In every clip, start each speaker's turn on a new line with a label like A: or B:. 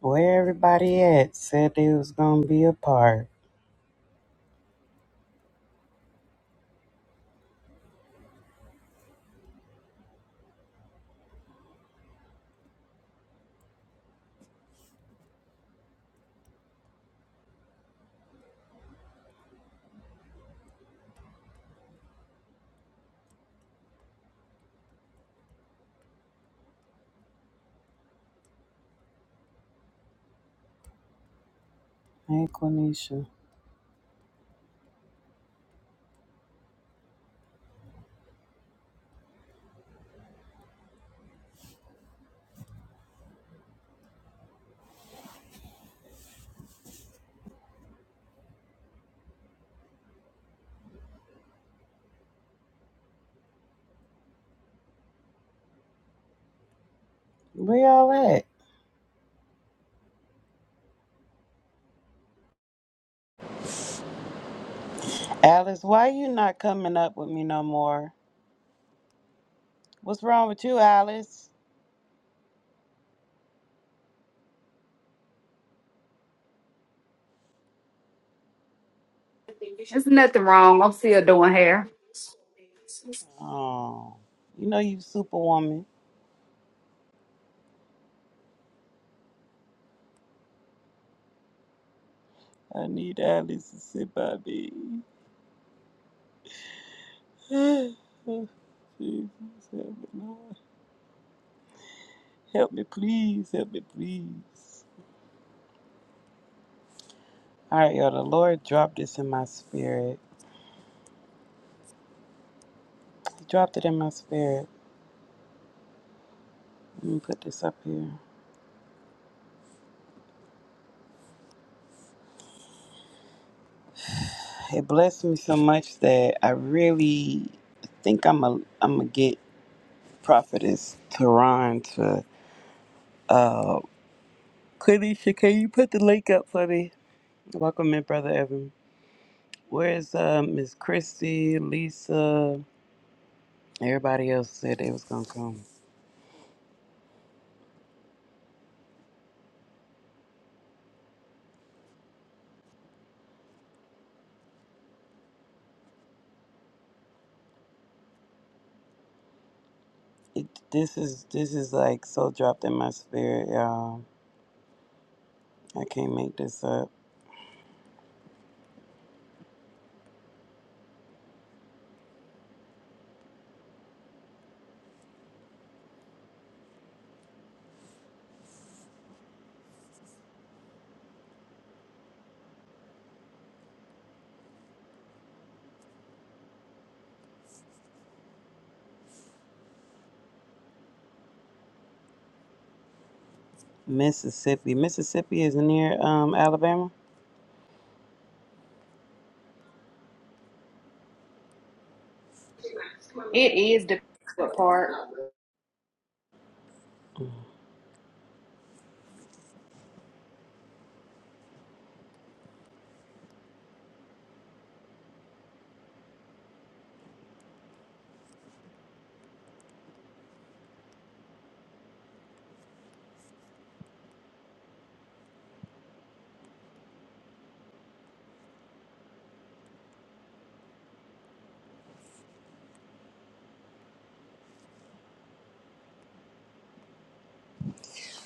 A: Where everybody at said they was gonna be apart. Hey, Quenisha. Where y'all at? Alice, why you not coming up with me no more? What's wrong with you, Alice?
B: There's nothing wrong. I'm still doing hair.
A: Oh, you know you superwoman. I need Alice to sit by me. Oh, Jesus, help me, Lord. Help me, please. Help me, please. All right, y'all. The Lord dropped this in my spirit. He dropped it in my spirit. Let me put this up here. It blessed me so much that I really think I'm a I'm gonna get Prophetess Tehran to uh Quenisha, can you put the link up for me? Welcome in, Brother Evan. Where's uh Miss Christy, Lisa, everybody else said they was gonna come. It, this is this is like so dropped in my spirit, y'all. I can't make this up. Mississippi. Mississippi is near um Alabama. Mm-hmm.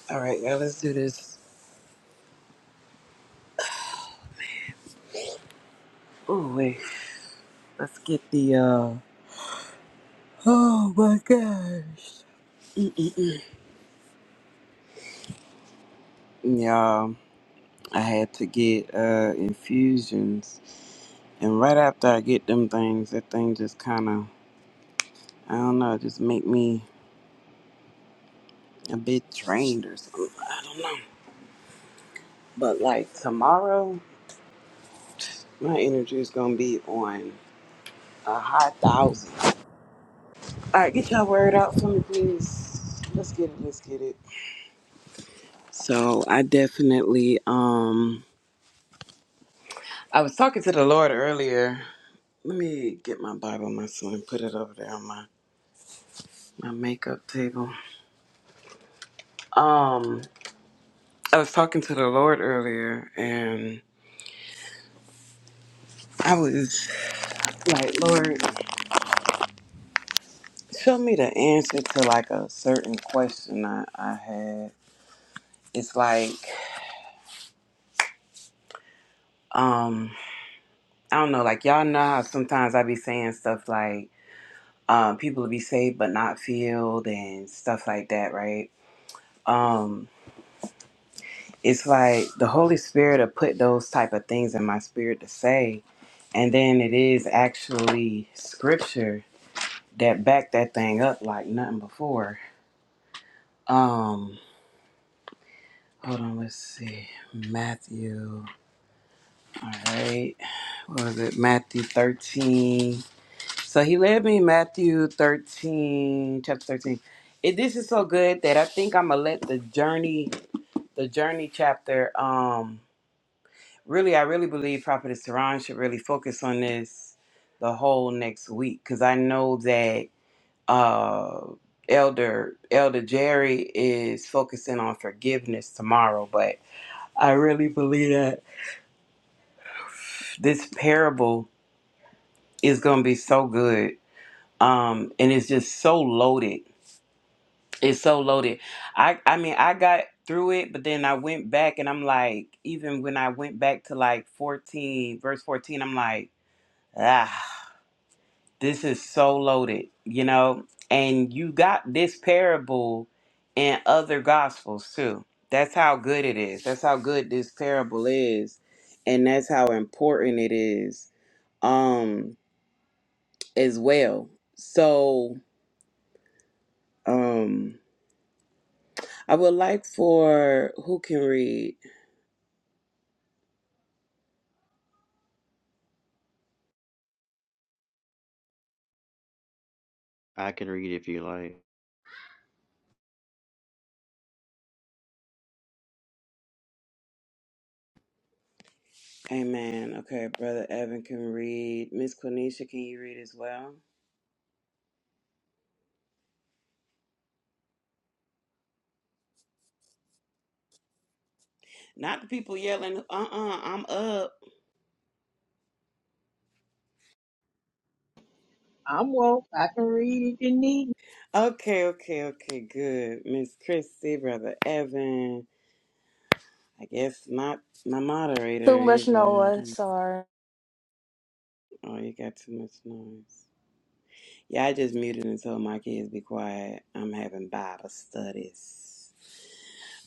A: All right, y'all, let's do this. Ooh, wait. Let's get the uh Oh my gosh. Y'all, I had to get uh infusions. And right after I get them things, that thing just kind of, I don't know, it just make me a bit drained or something. I don't know. But like tomorrow, my energy is going to be on a high thousand. All right, get y'all word out for me, please. Let's get it. Let's get it. So I definitely, um, I was talking to the Lord earlier. Let me get my Bible, my son, put it over there on my my makeup table. Um, I was talking to the Lord earlier, and I was like, Lord, show me the answer to like a certain question I, I had. It's like, um, I don't know, like y'all know how sometimes I be saying stuff like, um, people will be saved but not filled and stuff like that, right? Um, it's like the Holy Spirit will put those type of things in my spirit to say, and then it is actually scripture that backed that thing up like nothing before. Um, hold on, let's see. Matthew, all right, what was it? Matthew 13. So he led me in Matthew 13, chapter 13. It, this is so good that I think I'm gonna let the journey, the journey chapter. Um, really, I really believe Prophet Saran should really focus on this the whole next week because I know that uh, Elder Elder Jerry is focusing on forgiveness tomorrow, but I really believe that this parable is going to be so good, um, and it's just so loaded. It's so loaded. I I mean, I got through it, but then I went back, and I'm like, even when I went back to like 14, verse 14, I'm like, ah. this is so loaded, you know, and you got this parable in other gospels too. That's how good it is. That's how good this parable is, and that's how important it is um as well. So, um I would like for who can read?
C: I can read if you like.
A: Amen. Okay, brother Evan can read. Miss Quenisha, can you read as well? Not the people yelling, "Uh-uh, I'm up."
D: I'm woke. I can read if you need. me.
A: Okay, okay, okay, good. Miss Christy, Brother Evan. I guess my my
E: Too
A: moderator
E: much
A: either. I
E: noise,
A: don't know.
E: sorry.
A: Oh, you got too much noise. Yeah, I just muted and told my kids be quiet. I'm having Bible studies.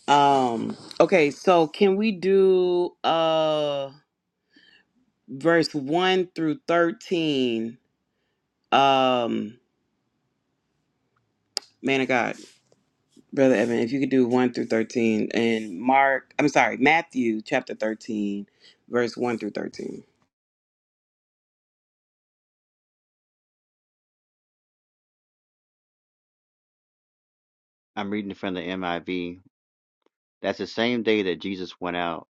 A: Um, okay, so can we do uh verse one through thirteen? Um, man of God. Brother Evan, if you could do 1 through 13 and Mark, I'm sorry, Matthew chapter 13, verse 1 through 13.
C: I'm reading from the MIV. That's the same day that Jesus went out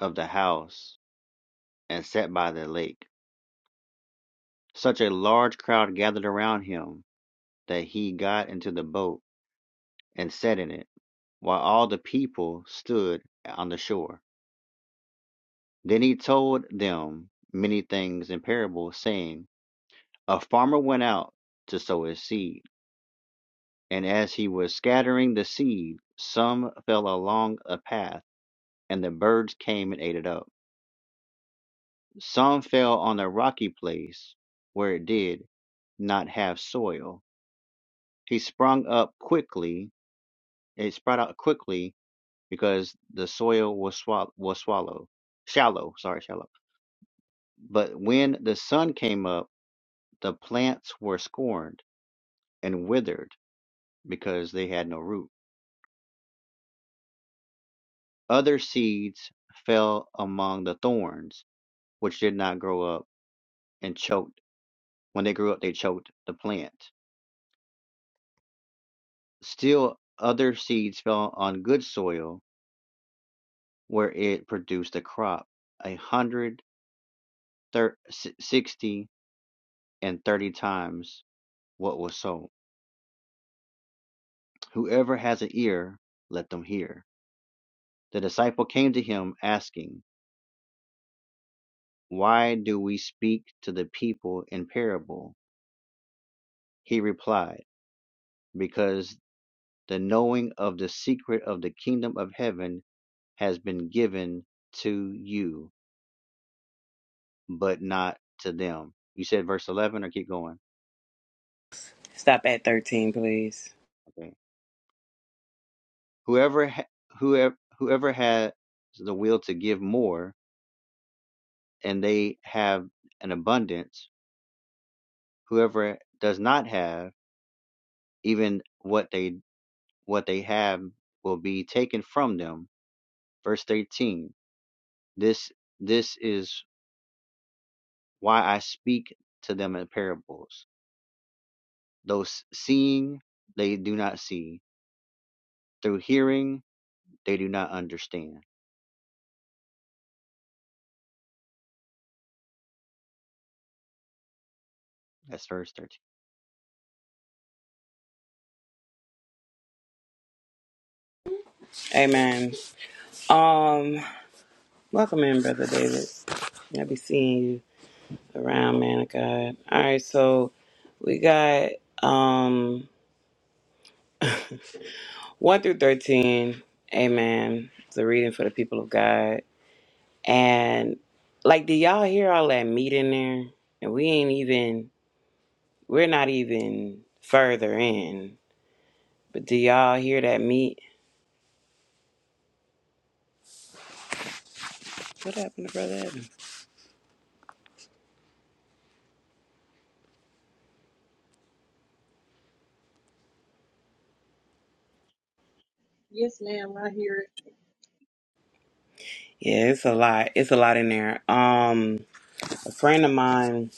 C: of the house and sat by the lake. Such a large crowd gathered around him that he got into the boat and sat in it, while all the people stood on the shore. Then he told them many things in parables, saying, A farmer went out to sow his seed, and as he was scattering the seed, some fell along a path, and the birds came and ate it up. Some fell on a rocky place where it did not have soil. He sprung up quickly. It sprout out quickly because the soil was swall was swallow shallow. Sorry, shallow. But when the sun came up, the plants were scorned and withered because they had no root. Other seeds fell among the thorns, which did not grow up and choked. When they grew up, they choked the plant. Still other seeds fell on good soil, where it produced a crop a hundred, thir- si- sixty, and thirty times what was sown. Whoever has an ear, let them hear. The disciple came to him, asking, Why do we speak to the people in parable? He replied, Because the knowing of the secret of the kingdom of heaven has been given to you but not to them. You said verse 11 or keep going.
A: Stop at 13, please.
C: Okay. Whoever ha- whoever whoever has the will to give more and they have an abundance, whoever does not have even what they what they have will be taken from them. Verse 13. This this is why I speak to them in parables. Though seeing they do not see, through hearing they do not understand. That's verse 13.
A: Amen. Um, welcome in, Brother David. I'll be seeing you around, man of God. All right, so we got um 1 through 13. Amen. It's a reading for the people of God. And like, do y'all hear all that meat in there? And we ain't even We're not even further in. But do y'all hear that meat? What happened to Brother Evan?
D: Yes, ma'am. I hear it.
A: Yeah, it's a lot. It's a lot in there. Um, a friend of mine,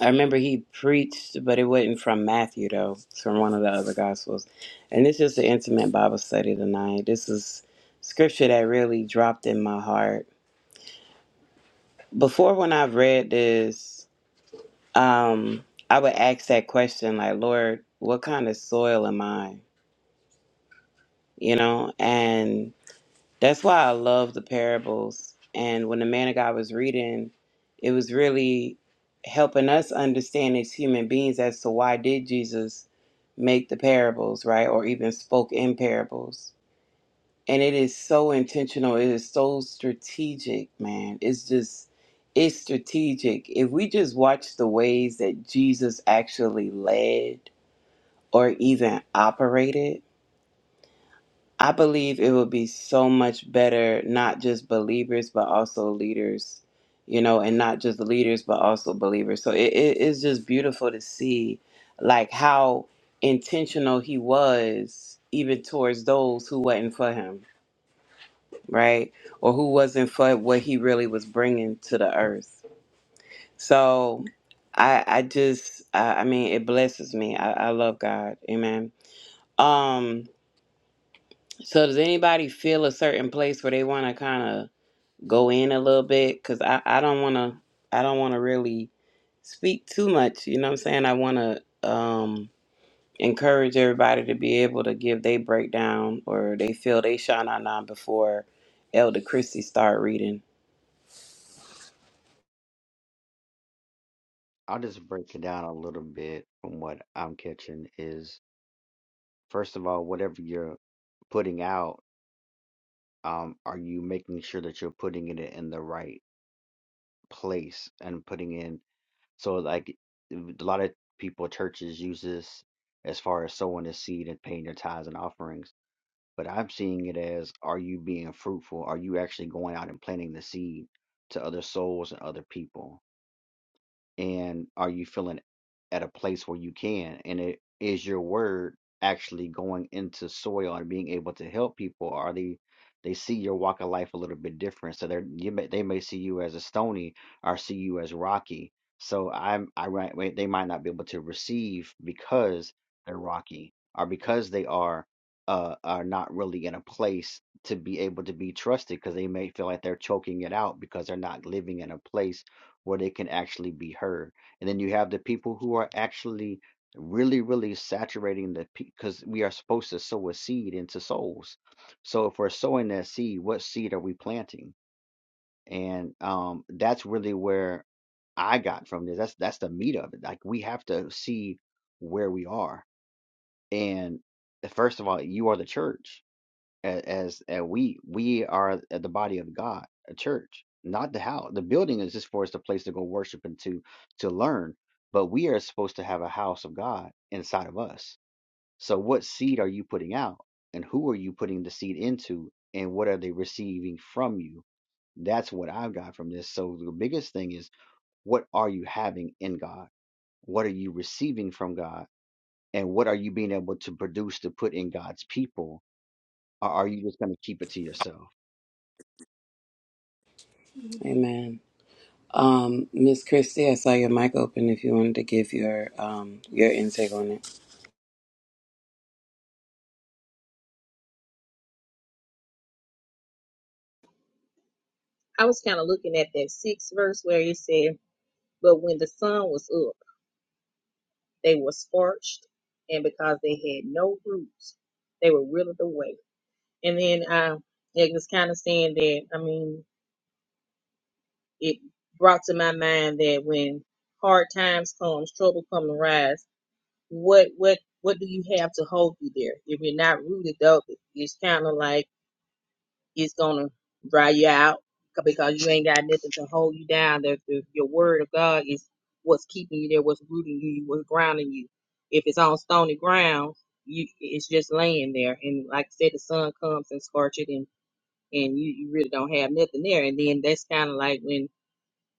A: I remember he preached, but it wasn't from Matthew though. It's from one of the other gospels. And it's just an intimate Bible study tonight. This is scripture that really dropped in my heart. Before when I've read this, um, I would ask that question like, Lord, what kind of soil am I? You know, and That's why I love the parables. And when the man of God was reading, it was really helping us understand as human beings as to why did Jesus make the parables, right? Or even spoke in parables. And it is so intentional. It is so strategic, man. It's just it's strategic. If we just watch the ways that Jesus actually led or even operated, I believe it would be so much better, not just believers, but also leaders, you know, and not just leaders, but also believers. So it, it is just beautiful to see, like, how intentional he was, even towards those who wasn't for him, right? Or who wasn't for what he really was bringing to the earth. So I, I just, I, I mean, it blesses me. I, I love God. Amen. Um, So does anybody feel a certain place where they want to kind of go in a little bit? Cause I, I don't want to, I don't want to really speak too much. You know what I'm saying? I want to um, encourage everybody to be able to give their breakdown or they feel they shine on on before Elder Christie start reading.
C: I'll just break it down a little bit from what I'm catching is first of all, whatever you're putting out, um, are you making sure that you're putting it in the right place and putting in so like a lot of people churches use this as far as sowing the seed and paying their tithes and offerings. But I'm seeing it as are you being fruitful? Are you actually going out and planting the seed to other souls and other people? and are you feeling at a place where you can and it is your word actually going into soil and being able to help people are they they see your walk of life a little bit different so they're you may they may see you as a stony or see you as rocky so i'm i right wait, they might not be able to receive because they're rocky or because they are uh are not really in a place to be able to be trusted because they may feel like they're choking it out because they're not living in a place where they can actually be heard. And then you have the people who are actually really, really saturating the because we are supposed to sow a seed into souls. So if we're sowing that seed, what seed are we planting? And um, that's really where I got from this. That's that's the meat of it. Like we have to see where we are. And eh, first of all, you are the church a- as and we we are the body of God, a church, not the house. The building is just for us a place to go worship and to to learn, but we are supposed to have a house of God inside of us. So what seed are you putting out, and who are you putting the seed into, and what are they receiving from you? That's what I've got from this. So the biggest thing is what are you having in God? What are you receiving from God? And what are you being able to produce to put in God's people? Or are you just going to keep it to yourself?
A: Amen. Um, Miss Christie, I saw your mic open if you wanted to give your um your intake on it.
D: I was kind of looking at that sixth verse where it said, But when the sun was up, they were scorched, and because they had no roots, they were withered away. And then uh, it was kind of saying that, I mean, it brought to my mind that when hard times comes, trouble come and rise, what, what, what do you have to hold you there? If you're not rooted up, it's kind of like it's gonna dry you out c- because you ain't got nothing to hold you down. That the, your word of God is what's keeping you there, what's rooting you, what's grounding you. If it's on stony ground, you it's just laying there. And like I said, the sun comes and scorch it, and and you, you really don't have nothing there. And then that's kind of like when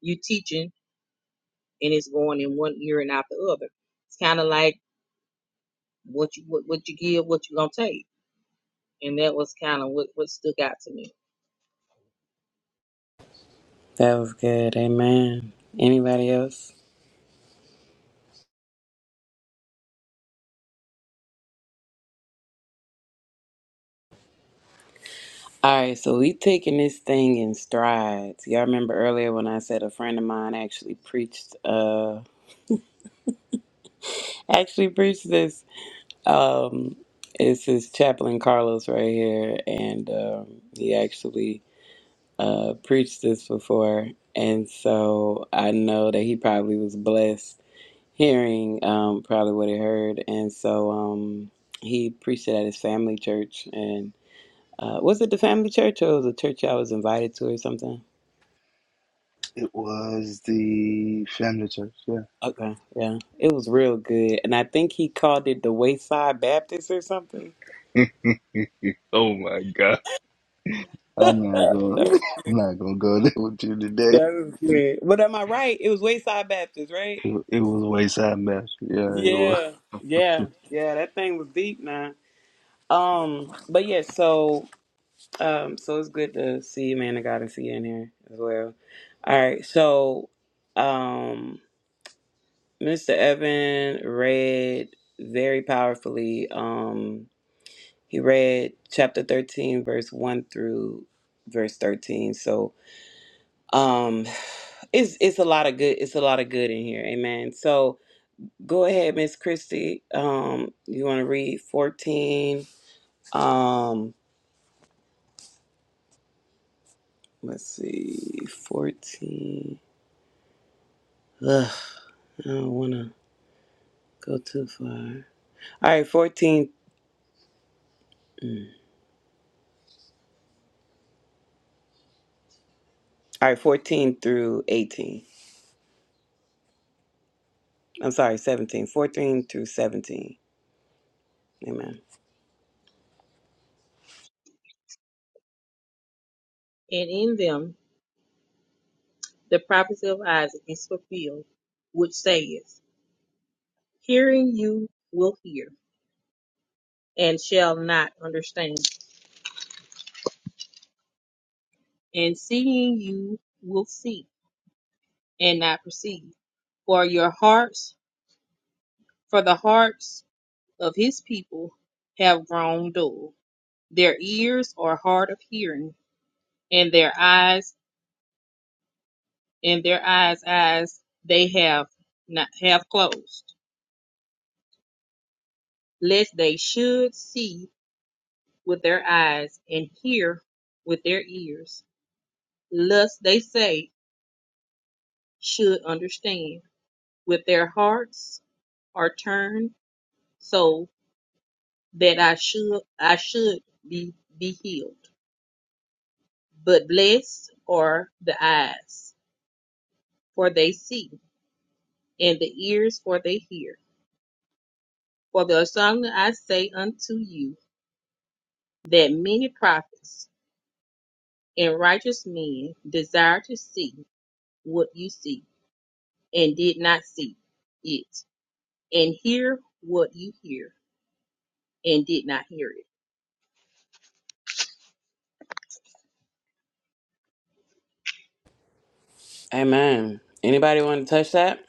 D: you teaching and it's going in one ear and out the other. It's kind of like what you what, what you give, what you gonna take. And that was kind of what what stuck out to me.
A: That was good. Amen. Anybody else? All right, so we taking this thing in strides. Y'all remember earlier when I said a friend of mine actually preached, uh, actually preached this. Um, it's his chaplain Carlos right here, and um, he actually uh, preached this before, and so I know that he probably was blessed hearing um, probably what he heard, and so um, he preached it at his family church, and uh, was it the family church or the church I was invited to or something?
F: It was the family church, yeah.
A: Okay, yeah, it was real good, and I think he called it the Wayside Baptist or something.
F: Oh my God. I'm not gonna
A: That was,
F: I'm not gonna go there with you
A: that
F: today.
A: was good. But am I right? It was Wayside Baptist, right?
F: It, it was wayside mess. Yeah, it was
A: Yeah, yeah, yeah. That thing was deep, man. Um, but yeah, so um, so it's good to see you, man of God, and see you in here as well. All right, so um, Mr. Evan read very powerfully. Um, He read chapter 13, verse 1 through verse 13. So um it's it's a lot of good it's a lot of good in here. Amen. So go ahead, Miss Christie. Um you wanna read 14. Um let's see, 14. Ugh, I don't wanna go too far. All right, 14 all right, 14 through 18. I'm sorry, 17. 14 through 17. Amen.
D: And in them. the prophecy of Isaac is fulfilled, which saith, Hearing you will hear, and shall not understand, and seeing you will see, and not perceive. For your hearts, for the hearts of his people have grown dull. Their ears are hard of hearing, and their eyes, and their eyes, eyes they have not have closed, lest they should see with their eyes and hear with their ears, lest they say, should understand with their hearts are turned so that I should I should be be healed. But blessed are the eyes, for they see, and the ears, for they hear. For the assembly I say unto you that many prophets and righteous men desire to see what you see, and did not see it, and hear what you hear and did not hear it.
A: Amen. Anybody want to touch that?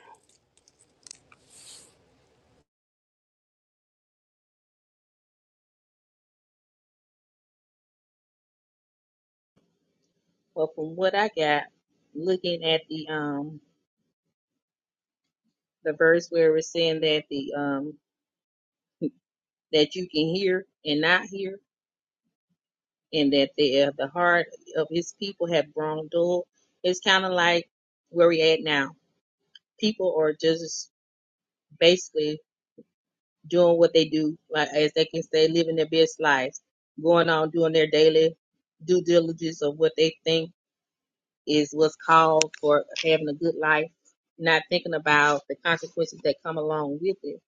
D: Well, from what I got, looking at the um the verse where it's saying that the um that you can hear and not hear, and that the uh, the heart of his people have grown dull, it's kind of like where we at now. People are just basically doing what they do, like as they can say, living their best lives, going on doing their daily due diligence of what they think is what's called for having a good life, not thinking about the consequences that come along with it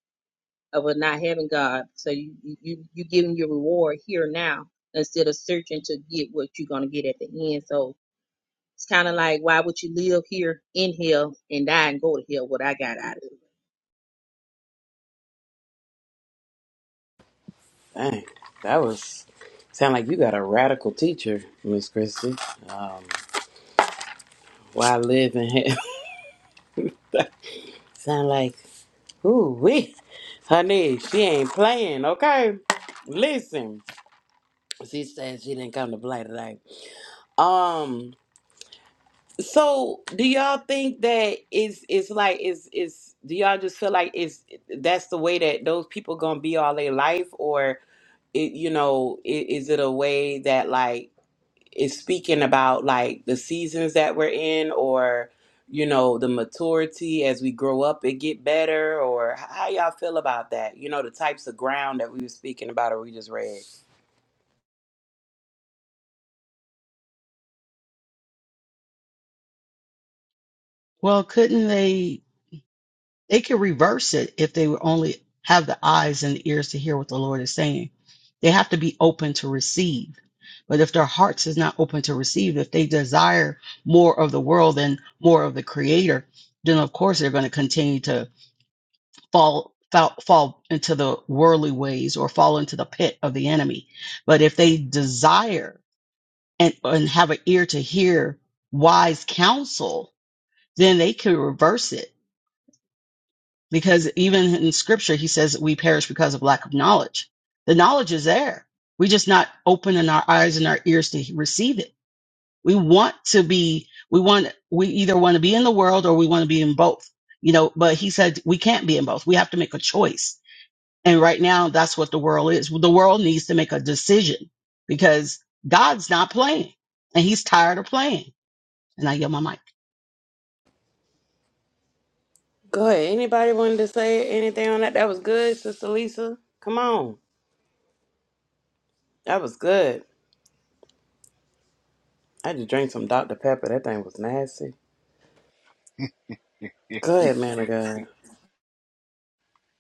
D: of not having God. So you you you giving your reward here now instead of searching to get what you're gonna get at the end. So it's kind of like why would you live here in hell and die and go to hell? What I got out of it.
A: Dang, that was sound like you got a radical teacher, Miss Christie. Um, why live in hell? sound like ooh wee, honey, she ain't playing. Okay, listen, she said she didn't come to play today. Um, so do y'all think that it's it's like it's it's do y'all just feel like it's that's the way that those people gonna be all their life, or it, you know i- is it a way that like is speaking about like the seasons that we're in or you know the maturity as we grow up and get better or h- how y'all feel about that you know the types of ground that we were speaking about or we just read
G: Well, couldn't they? They could reverse it if they would only have the eyes and the ears to hear what the Lord is saying. They have to be open to receive. But if their hearts is not open to receive, if they desire more of the world and more of the Creator, then of course they're going to continue to fall fall, fall into the worldly ways or fall into the pit of the enemy. But if they desire and, and have an ear to hear wise counsel, then they can reverse it because even in scripture he says we perish because of lack of knowledge the knowledge is there we just not opening our eyes and our ears to receive it we want to be we want we either want to be in the world or we want to be in both you know but he said we can't be in both we have to make a choice and right now that's what the world is the world needs to make a decision because god's not playing and he's tired of playing and i yell my mic
A: go ahead anybody wanted to say anything on that that was good sister lisa come on that was good i just drank some dr pepper that thing was nasty good man of god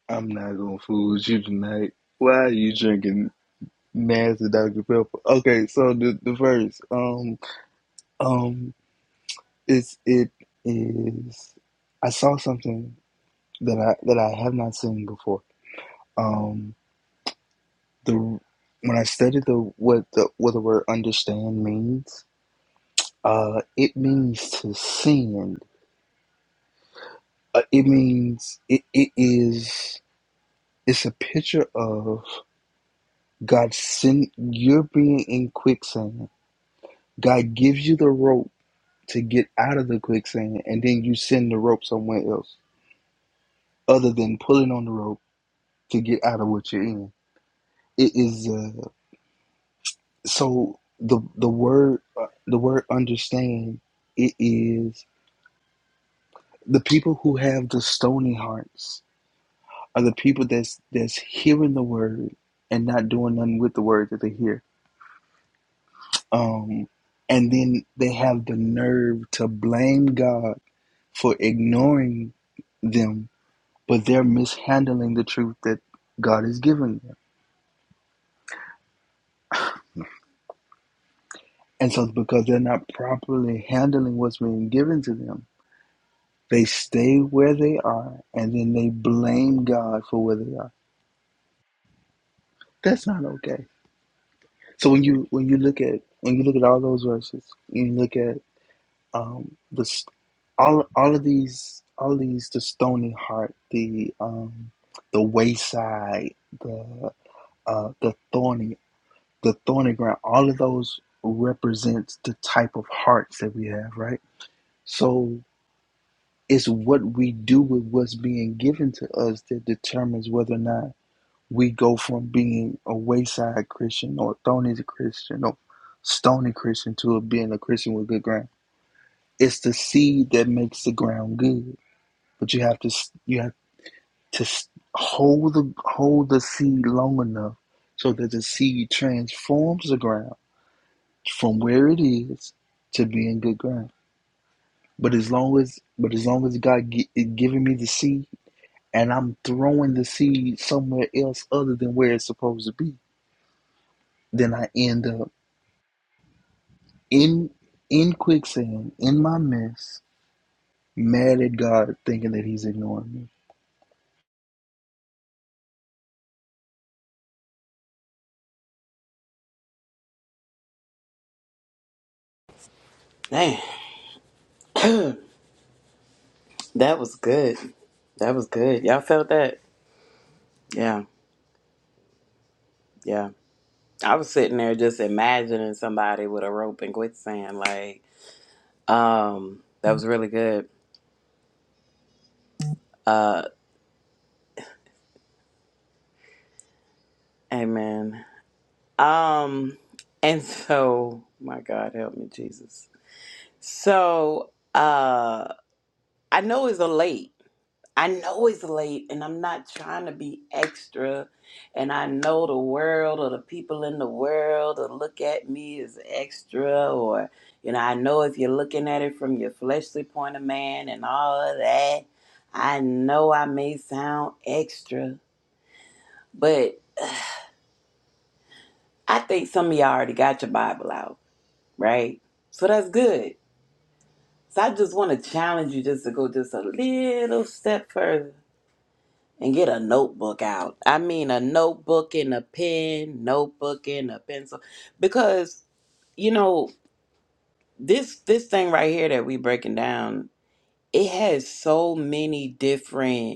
F: I'm not gonna fool with you tonight. Why are you drinking nasty Dr. Pepper? Okay, so the the verse, um um it's it is I saw something that I that I have not seen before. Um the when I studied the what the what the word understand means, Uh, it means to sin. Uh, it means it, it is. It's a picture of God send you're being in quicksand. God gives you the rope to get out of the quicksand, and then you send the rope somewhere else, other than pulling on the rope to get out of what you're in. It is uh, so the the word uh, the word understand. It is the people who have the stony hearts are the people that's that's hearing the word and not doing nothing with the word that they hear. Um, and then they have the nerve to blame God for ignoring them, but they're mishandling the truth that God is giving them. And so, because they're not properly handling what's being given to them, they stay where they are, and then they blame God for where they are. That's not okay. So when you when you look at when you look at all those verses, you look at um, the s- all all of these all these the stony heart the um the wayside the uh the thorny the thorny ground all of those represents the type of hearts that we have right so it's what we do with what's being given to us that determines whether or not we go from being a wayside christian or a thorny christian or stony christian to being a christian with good ground it's the seed that makes the ground good but you have to you have to hold the hold the seed long enough so that the seed transforms the ground from where it is to being good ground. But as long as but as long as God gi- is giving me the seed and I'm throwing the seed somewhere else other than where it's supposed to be, then I end up in in quicksand in my mess, mad at God, thinking that He's ignoring me.
A: Damn, that was good that was good y'all felt that yeah yeah I was sitting there just imagining somebody with a rope and quicksand. Like, um, that was really good. Uh, amen. Um, and so, my God, help me, Jesus. So, uh, I know it's a late. I know it's late and I'm not trying to be extra. And I know the world or the people in the world will look at me as extra. Or, you know, I know if you're looking at it from your fleshly point of man and all of that, I know I may sound extra. But I think some of y'all already got your Bible out, right? So that's good. So I just want to challenge you just to go just a little step further and get a notebook out. I mean, a notebook and a pen, notebook and a pencil, because you know this this thing right here that we breaking down. It has so many different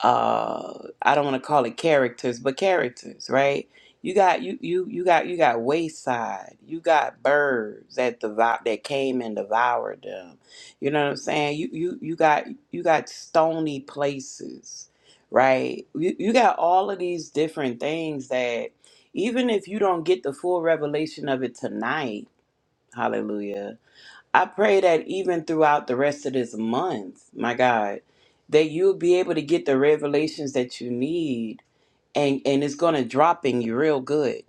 A: uh i don't want to call it characters but characters right you got you you you got you got wayside you got birds that devour that came and devoured them you know what i'm saying you you you got you got stony places right you, you got all of these different things that even if you don't get the full revelation of it tonight hallelujah I pray that even throughout the rest of this month, my God, that you'll be able to get the revelations that you need and, and it's gonna drop in you real good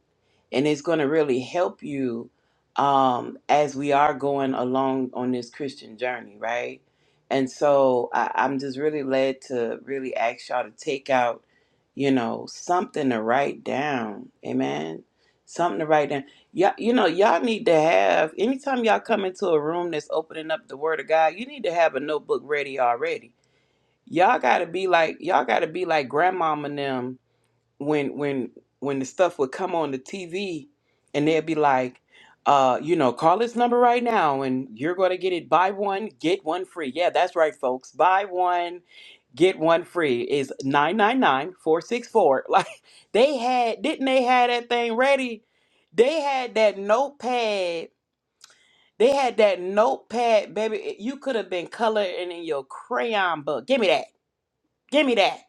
A: and it's going to really help you um, as we are going along on this Christian journey, right? And so I, I'm just really led to really ask y'all to take out, you know, something to write down, amen. Something to write down. Y'all, you know, y'all need to have anytime y'all come into a room that's opening up the Word of God, you need to have a notebook ready already. Y'all gotta be like y'all gotta be like grandmama and them when when when the stuff would come on the TV and they'd be like, uh, you know, call this number right now and you're gonna get it. Buy one, get one free. Yeah, that's right, folks. Buy one, get one free is nine nine nine four six four. Like they had, didn't they had that thing ready? They had that notepad. They had that notepad, baby. It- You could have been coloring in your crayon book. Give me that. Give me that.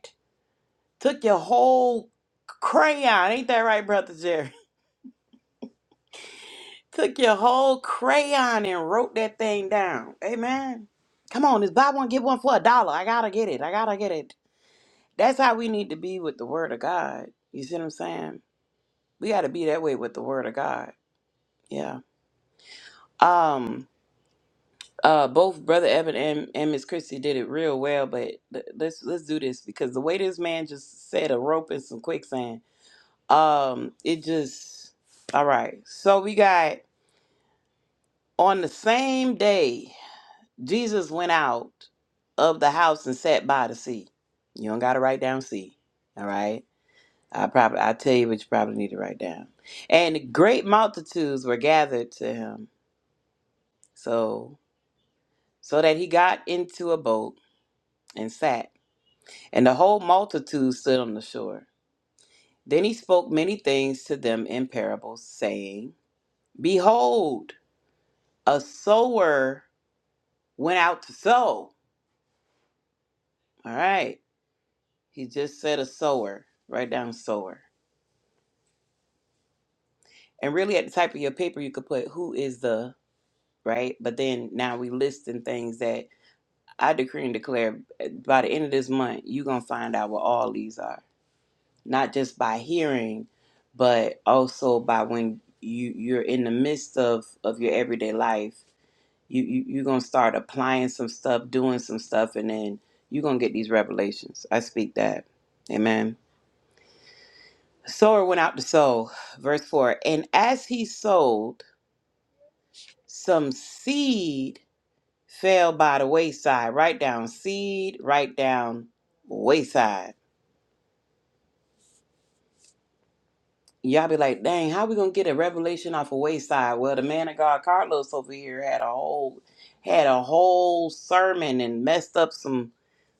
A: Took your whole crayon. Ain't that right, Brother Jerry? Took your whole crayon and wrote that thing down. Amen. Come on, it's buy one, get one for a dollar. I gotta get it. I gotta get it. That's how we need to be with the word of God. You see what I'm saying? We gotta be that way with the word of God. Yeah. Um uh both Brother Evan and, and Miss Christie did it real well, but th- let's let's do this because the way this man just said a rope and some quicksand. Um, it just all right. So we got on the same day Jesus went out of the house and sat by the sea. You don't gotta write down sea. All right. I probably I tell you what you probably need to write down. And great multitudes were gathered to him. So so that he got into a boat and sat. And the whole multitude stood on the shore. Then he spoke many things to them in parables, saying, Behold, a sower went out to sow. All right. He just said a sower. Write down sower. And really at the type of your paper you could put who is the right? But then now we listing things that I decree and declare uh, by the end of this month, you're gonna find out what all these are. Not just by hearing, but also by when you you're in the midst of of your everyday life, you, you you're gonna start applying some stuff, doing some stuff, and then you're gonna get these revelations. I speak that. Amen. sower went out to sow, verse 4. And as he sowed, some seed fell by the wayside. Write down seed, write down wayside. Y'all be like, dang, how we gonna get a revelation off a wayside? Well, the man of God Carlos over here had a whole had a whole sermon and messed up some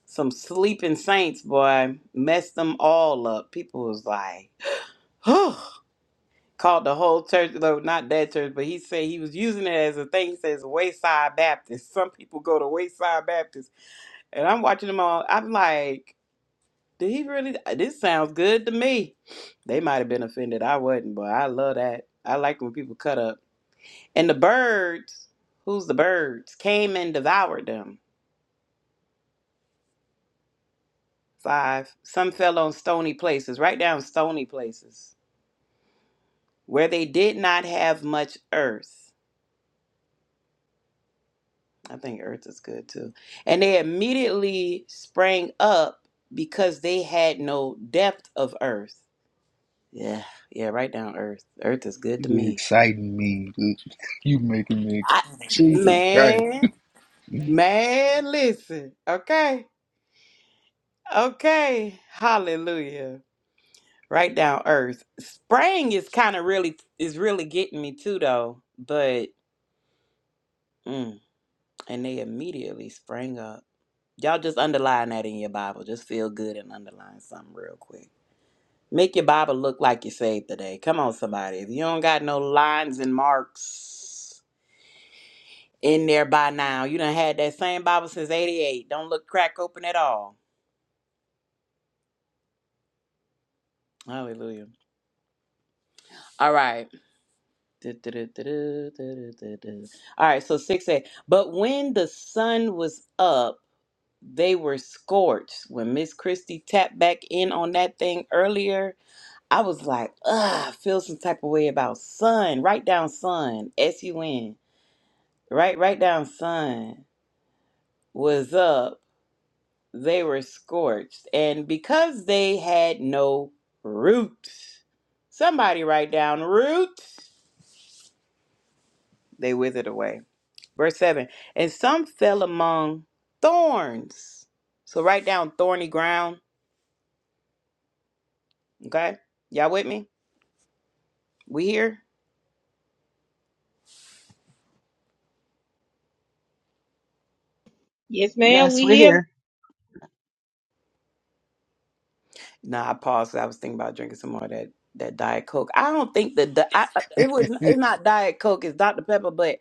A: some sleeping saints, boy. Messed them all up. People was like, called the whole church, though not that church, but he said he was using it as a thing. He says Wayside Baptist. Some people go to Wayside Baptist, and I'm watching them all. I'm like, did he really? This sounds good to me. They might have been offended. I wasn't, but I love that. I like when people cut up. And the birds, who's the birds, came and devoured them. Five. Some fell on stony places, right down stony places, where they did not have much earth. I think Earth is good too. And they immediately sprang up because they had no depth of Earth. Yeah, yeah, right down Earth. Earth is good to
F: You
A: me.
F: exciting me. You making me. ex-
A: I,
F: Jesus Christ.
A: man,
F: I
A: man, listen. Okay, okay. Hallelujah. Right down Earth. Sprang is kind of really is really getting me too though. But mm, and they immediately sprang up. Y'all just underline that in your Bible. Just feel good and underline something real quick. Make your Bible look like you saved today. Come on, somebody. If you don't got no lines and marks in there by now, you done had that same Bible since 88. Don't look crack open at all. Hallelujah. All right. Du-du-du-du-du-du-du-du. All right, so 6 a. But when the sun was up, they were scorched. When Miss Christie tapped back in on that thing earlier, I was like, ugh, I feel some type of way about sun. Write down sun, S U N. right right down sun was up they were scorched and because they had no roots somebody write down roots they withered away verse 7 and some fell among thorns so write down thorny ground okay y'all with me we here
D: Yes, ma'am.
G: yes
D: We
G: we're
D: here.
G: here
A: Nah, i paused 'cause i was thinking about drinking some more of that that diet coke i don't think that di- I, I- it was it's not diet coke it's dr pepper but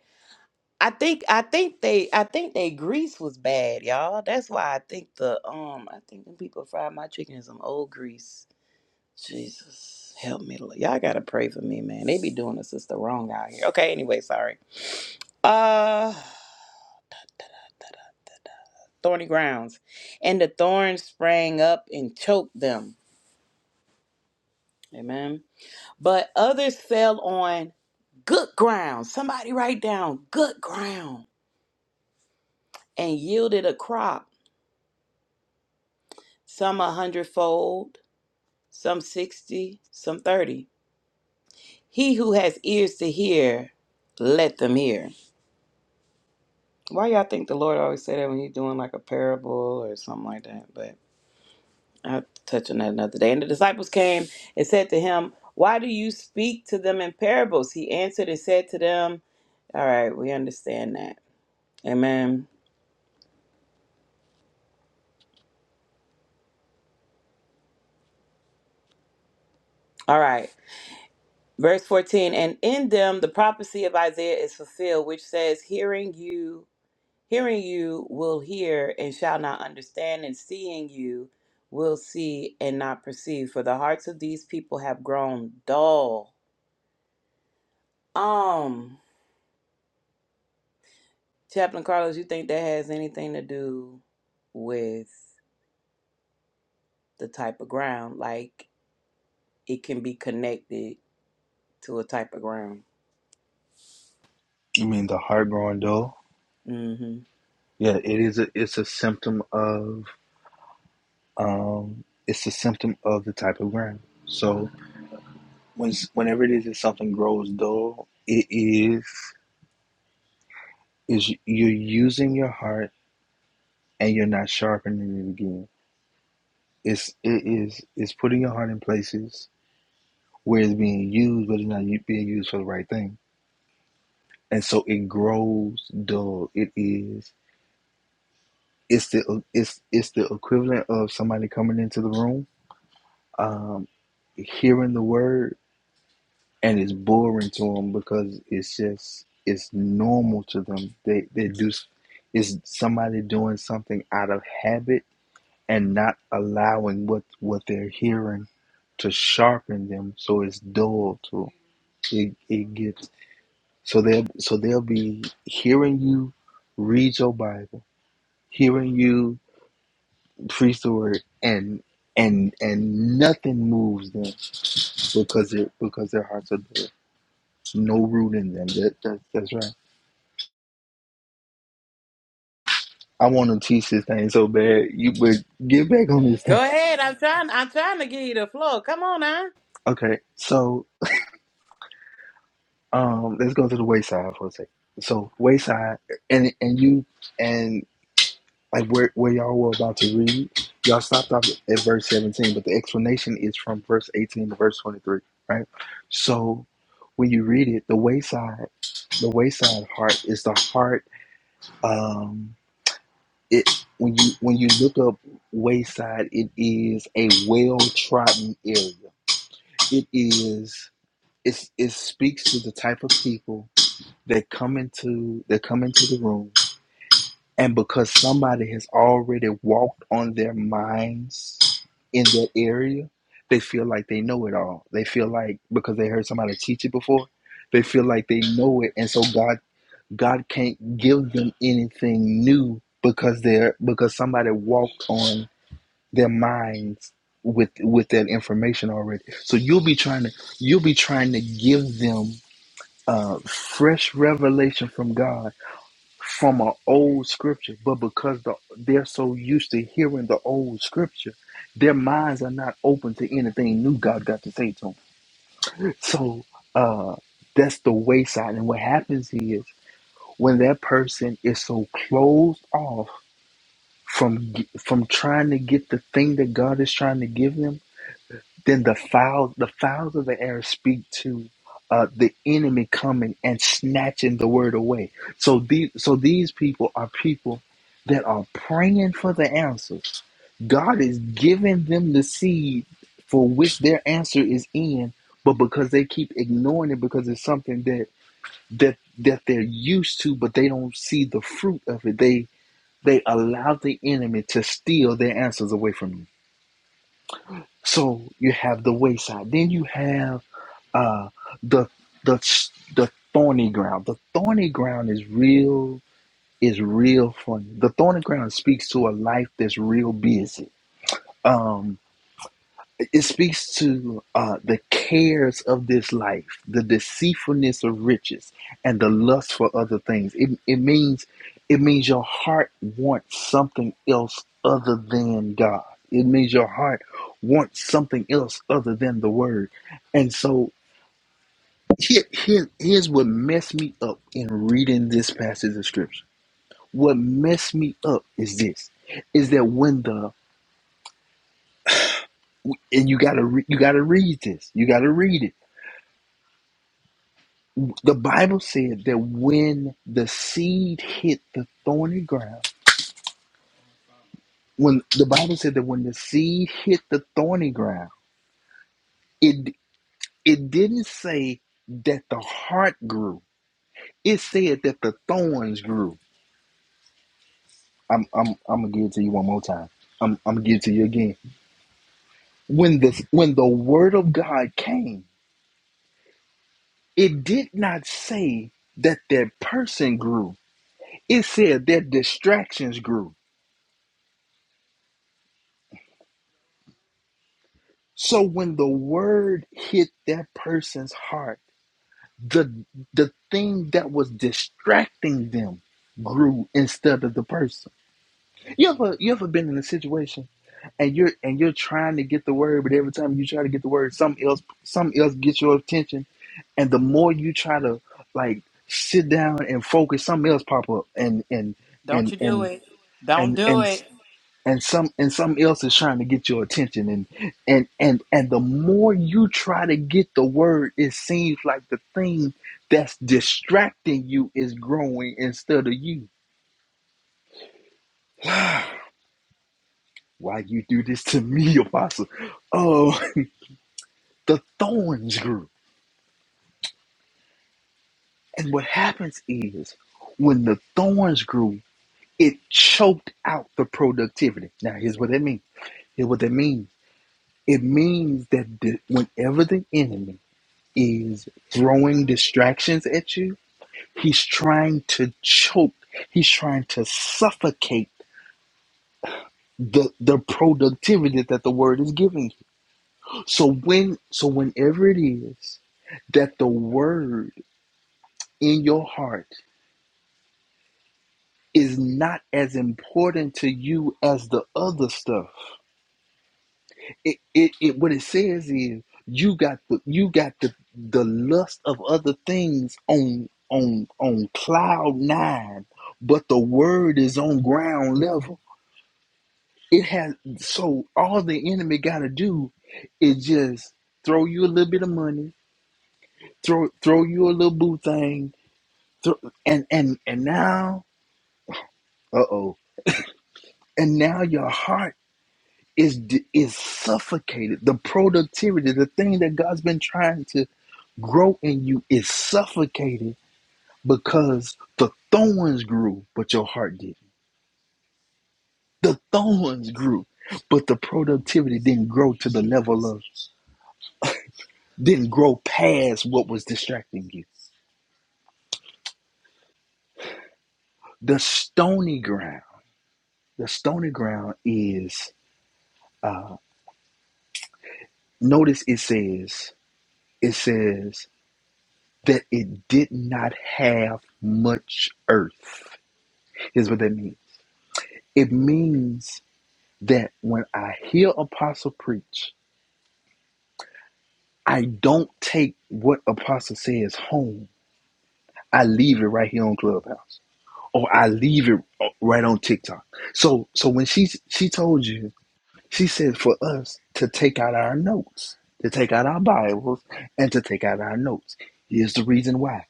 A: I think I think they I think they grease was bad, y'all. That's why I think the um I think the people fried my chicken in some old grease. Jesus, help me, Lord. y'all gotta pray for me, man. They be doing the sister wrong out here. Okay, anyway, sorry. Uh, thorny grounds, and the thorns sprang up and choked them. Amen. But others fell on good ground. Somebody write down good ground and yielded a crop. Some a hundredfold some 60, some 30. He who has ears to hear, let them hear. Why y'all think the Lord always say that when he's doing like a parable or something like that? But I'll touch on that another day. And the disciples came and said to him, Why do you speak to them in parables? He answered and said to them, All right, we understand that. Amen. All right. Verse 14, and in them the prophecy of Isaiah is fulfilled, which says, Hearing you Hearing you will hear and shall not understand, and seeing you will see and not perceive, for the hearts of these people have grown dull. Um, Chaplain Carlos, you think that has anything to do with the type of ground? Like it can be connected to a type of ground.
F: mean, the heart growing dull.
A: Mm-hmm.
F: Yeah, it is. A, it's a symptom of. Um, it's a symptom of the type of ground. So when whenever it is that something grows dull, it is is you're using your heart and you're not sharpening it again. It's it is it's putting your heart in places where it's being used, but it's not being used for the right thing, and so it grows dull. It is. It's the it's it's the equivalent of somebody coming into the room um, hearing the word and it's boring to them because it's just it's normal to them. They they do is somebody doing something out of habit and not allowing what what they're hearing to sharpen them, so it's dull to them. it. It gets so they'll so they'll be hearing you read your Bible, hearing you preach the word, and and and nothing moves them because it because their hearts are dull. No root in them. That, that, that's right. I want to teach this thing so bad. You would get back on this thing.
A: Go ahead. I'm trying. I'm trying to give you the floor. Come on now.
F: Okay, so um, let's go to the wayside for a second. So wayside, and and you and like where where y'all were about to read, y'all stopped off at verse seventeen, but the explanation is from verse eighteen to verse twenty three, right? So when you read it, the wayside, the wayside heart is the heart. Um, it when you when you look up wayside it is a well trodden area it is it's, it speaks to the type of people that come into that come into the room and because somebody has already walked on their minds in that area they feel like they know it all they feel like because they heard somebody teach it before they feel like they know it and so god god can't give them anything new because they're because somebody walked on their minds with with that information already. So you'll be trying to you'll be trying to give them uh, fresh revelation from God from an old scripture, but because the, they're so used to hearing the old scripture, their minds are not open to anything new God got to say to them. So uh, that's the wayside, and what happens is when that person is so closed off from from trying to get the thing that God is trying to give them Then the fowls, the fowls of the air speak to uh, the enemy coming and snatching the word away. So these, so these people are people that are praying for the answers. God is giving them the seed for which their answer is in, but because they keep ignoring it because it's something that that that they're used to, but they don't see the fruit of it. They they allow the enemy to steal their answers away from you. So you have the wayside. Then you have uh, the the the thorny ground. The thorny ground is real. Is real for you. The thorny ground speaks to a life that's real busy. Um, it it speaks to uh, the cares of this life, the deceitfulness of riches, and the lust for other things. It it means it means your heart wants something else other than God. It means your heart wants something else other than the Word, and so here, here, here's what messed me up in reading this passage of scripture. What messed me up is this: is that when the and you gotta re, you gotta read this, you gotta read it. The Bible said that when the seed hit the thorny ground, when the Bible said that when the seed hit the thorny ground, it it didn't say that the heart grew. It said that the thorns grew. I'm I'm I'm gonna give it to you one more time. I'm I'm gonna give it to you again when the when the word of God came, it did not say that their person grew. It said their distractions grew. So when the word hit that person's heart, the the thing that was distracting them grew instead of the person. You ever you ever been in a situation and you're and you're trying to get the word, but every time you try to get the word, something else something else gets your attention and the more you try to like sit down and focus something else pop up and and
A: Don't
F: and
A: you do
F: and
A: it. Don't
F: and
A: do
F: and
A: it.
F: and some and something else is trying to get your attention and and and and the more you try to get the word it seems like the thing that's distracting you is growing instead of you why you do this to me apostle oh the thorns grew and what happens is when the thorns grew It choked out the productivity. Now, here's what that means. Here's what that means. It means that the, whenever the enemy is throwing distractions at you, he's trying to choke. He's trying to suffocate the the productivity that the word is giving you. So when so whenever it is that the word in your heart is not as important to you as the other stuff it, it, it what it says is you got the you got the the lust of other things on on on cloud nine, but the word is on ground level. It has so all the enemy gotta do is just throw you a little bit of money, throw throw you a little boo thing, throw, and and and now uh oh, and now your heart is d- is suffocated. The productivity, the thing that God's been trying to grow in you is suffocated because the thorns grew, but your heart didn't. The thorns grew, but the productivity didn't grow to the level of, didn't grow past what was distracting you. The stony ground, the stony ground is, uh, notice it says, it says that it did not have much earth, Here's what that means. It means that when I hear Apostle preach, I don't take what Apostle says home. I leave it right here on Clubhouse, or I leave it right on TikTok. So, so when she she told you, she said for us to take out our notes, to take out our Bibles, and to take out our notes. Here's the reason why.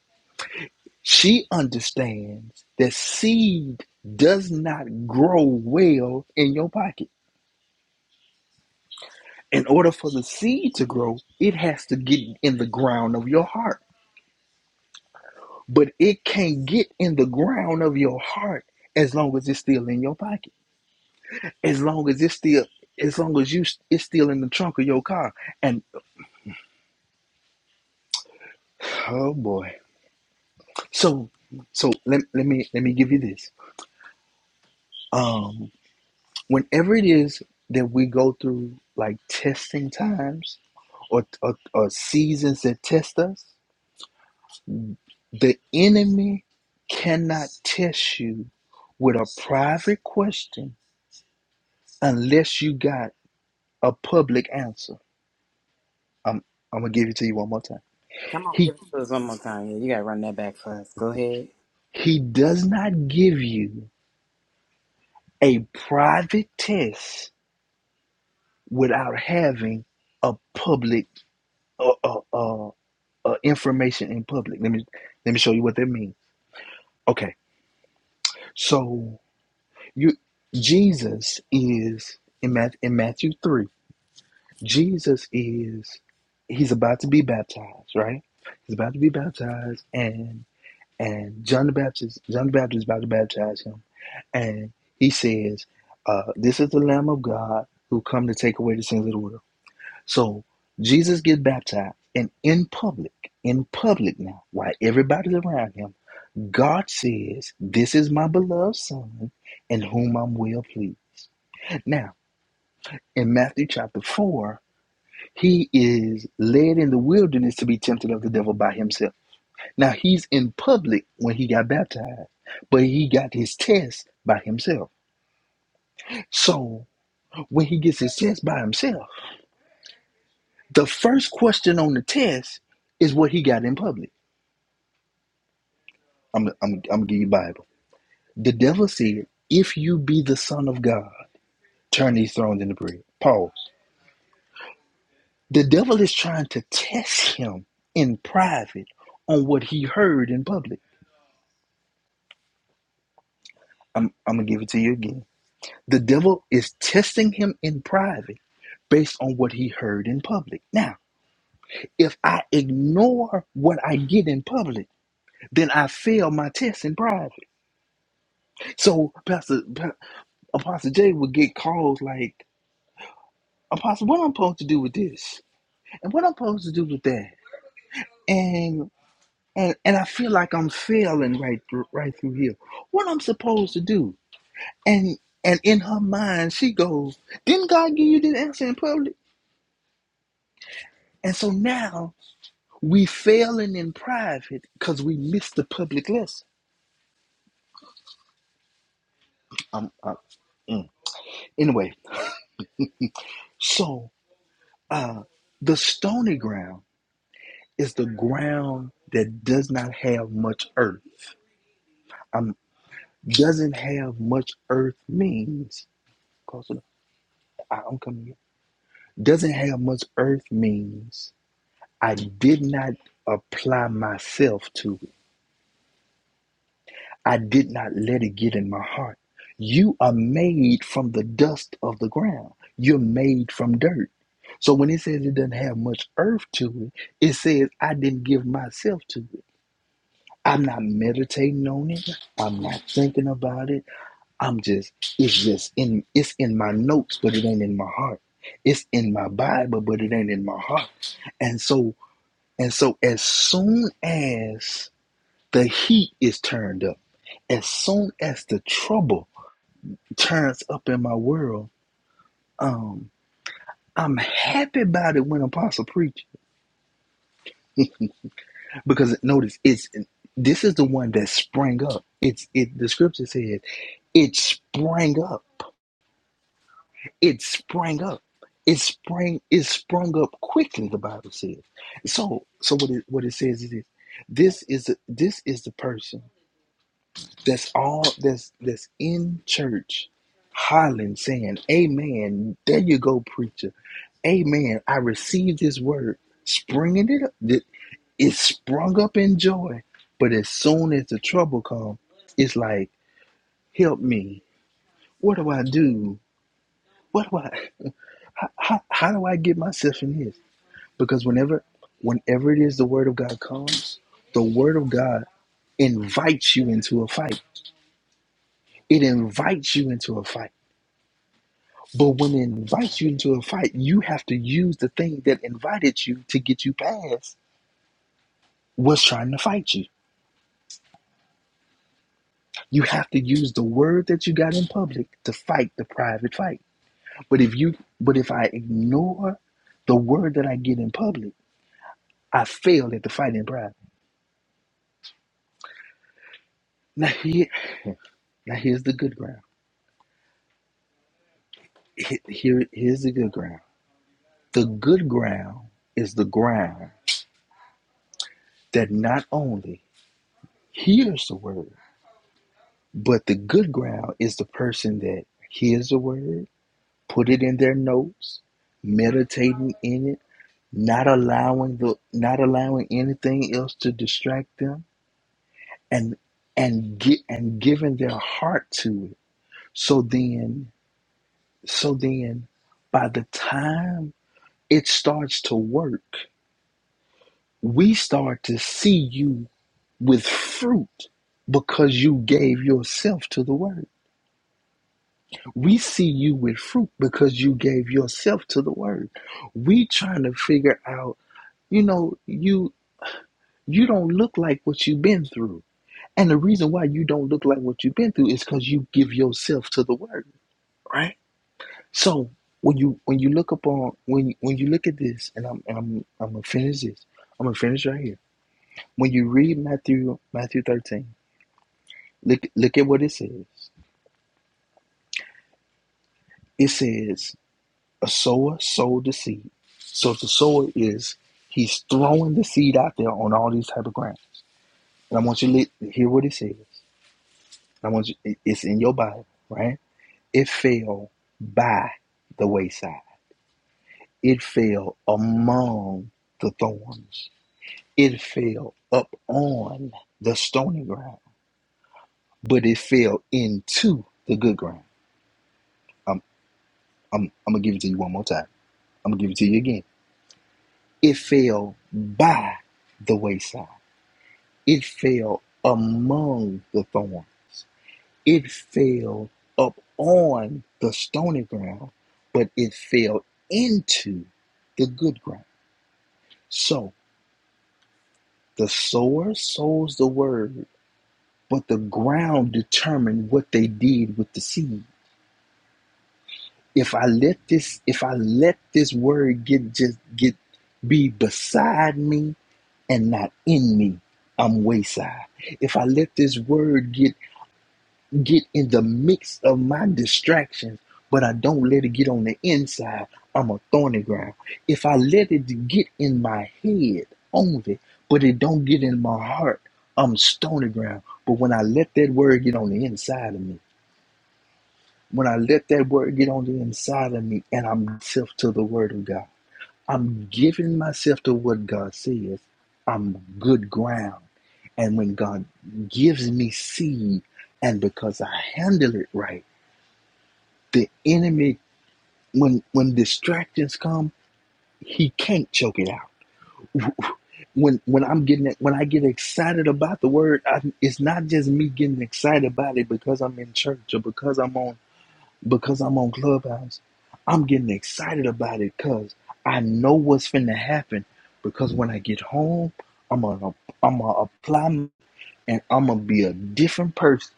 F: She understands that seed does not grow well in your pocket. In order for the seed to grow, it has to get in the ground of your heart. but it can't get in the ground of your heart as long as it's still in your pocket as long as it's still as long as you it's still in the trunk of your car and oh boy so so let, let me let me give you this um whenever it is that we go through like testing times or, or, or seasons that test us the enemy cannot test you with a private question unless you got a public answer. I'm I'm gonna give it to you one more time.
A: Come on,
F: He
A: give it to us one more time. Yeah, you gotta run that back for us. Go ahead.
F: he does not give you a private test without having a public uh, uh, uh, uh, information in public. Let me let me show you what that means. Okay, so you Jesus is in Matthew, in Matthew three. Jesus is he's about to be baptized, right? He's about to be baptized, and and John the Baptist John the Baptist is about to baptize him and he says, uh, "This is the Lamb of God who come to take away the sins of the world." So Jesus gets baptized, and in public, in public now, while everybody's around him, God says, "This is my beloved Son, in whom I'm well pleased." Now, in Matthew chapter four, he is led in the wilderness to be tempted of the devil by himself. Now he's in public when he got baptized, but he got his test by himself. So when he gets his test by himself. The first question on the test is what he got in public. I'm I'm I'm give you Bible. The devil said, "If you be the Son of God, turn these thrones into bread." Pause. The devil is trying to test him in private on what he heard in public. I'm I'm gonna give it to you again. The devil is testing him in private based on what he heard in public. Now, if I ignore what I get in public, then I fail my test in private. So Pastor Pa- Apostle Jay would get calls like, Apostle, what I'm supposed to do with this? And what I'm supposed to do with that? And and and I feel like I'm failing right thr- right through here. What I'm supposed to do? And and in her mind, she goes, Didn't God give you the answer in public? And so now we failing in private because we missed the public lesson. Um, uh, mm. Anyway, so uh, the stony ground. It's the ground that does not have much earth. Um, doesn't have much earth means close enough. I, I'm coming. here. Doesn't have much earth means I did not apply myself to it. I did not let it get in my heart. You are made from the dust of the ground. You're made from dirt. So when it says it doesn't have much earth to it, it says I didn't give myself to it. I'm not meditating on it. I'm not thinking about it. I'm just it's just in it's in my notes, but it ain't in my heart. It's in my Bible, but it ain't in my heart. And so and so as soon as the heat is turned up, as soon as the trouble turns up in my world, um, I'm happy about it when Apostle preach. Because notice it's this is the one that sprang up. It's it the scripture says it sprang up. it sprang up. It sprang it sprung up quickly, the Bible says. So so what it what it says is this this is the this is the person that's all that's that's in church hollering saying, Amen, there you go, preacher. Amen. I received this word, springing it up. It, it sprung up in joy. But as soon as the trouble comes, it's like, help me. What do I do? What do I how, how do I get myself in this? Because whenever whenever it is the word of God comes, the word of God invites you into a fight. It invites you into a fight. But when it invites you into a fight, you have to use the thing that invited you to get you past what's trying to fight you. You have to use the word that you got in public to fight the private fight. But if you but if I ignore the word that I get in public, I fail at the fight in private. Now here now here's the good ground. Here, here's the good ground The good ground is the ground that not only hears the word, but the good ground is the person that hears the word, put it in their notes, meditating in it, not allowing the not allowing anything else to distract them and and get and giving their heart to it. So then so then by the time it starts to work, we start to see you with fruit because you gave yourself to the word. We see you with fruit because you gave yourself to the word. We trying to figure out, you know, you you don't look like what you've been through. And the reason why you don't look like what you've been through is because you give yourself to the word, right? So when you when you look upon when when you look at this, and I'm and I'm I'm gonna finish this. I'm gonna finish right here. When you read Matthew Matthew 13, look look at what it says. It says A sower sowed the seed. So the sower is he's throwing the seed out there on all these type of grounds. And I want you to li- hear what it says. I want you. it- It's in your Bible, right? It fell by the wayside. It fell among the thorns. It fell up on the stony ground, but it fell into the good ground. I'm, I'm, I'm gonna give it to you one more time. I'm gonna give it to you again. It fell by the wayside It fell among the thorns. It fell up on the stony ground, but it fell into the good ground. So the sower sows the word, but the ground determined what they did with the seed. If I let this, if I let this word get just get be beside me and not in me, I'm wayside. If I let this word get get in the mix of my distractions, but I don't let it get on the inside. I'm a thorny ground. If I let it get in my head only, but it don't get in my heart, I'm stony ground. But when I let that word get on the inside of me, when I let that word get on the inside of me and I'm self to the word of God, I'm giving myself to what God says, I'm good ground. And when God gives me seed, and because I handle it right, the enemy, when when distractions come, he can't choke it out. When when I'm getting when I get excited about the word, I, it's not just me getting excited about it because I'm in church or because I'm on because I'm on Clubhouse. I'm getting excited about it because I know what's finna happen. Because when I get home, I'm gonna I'm gonna apply and I'm gonna be a different person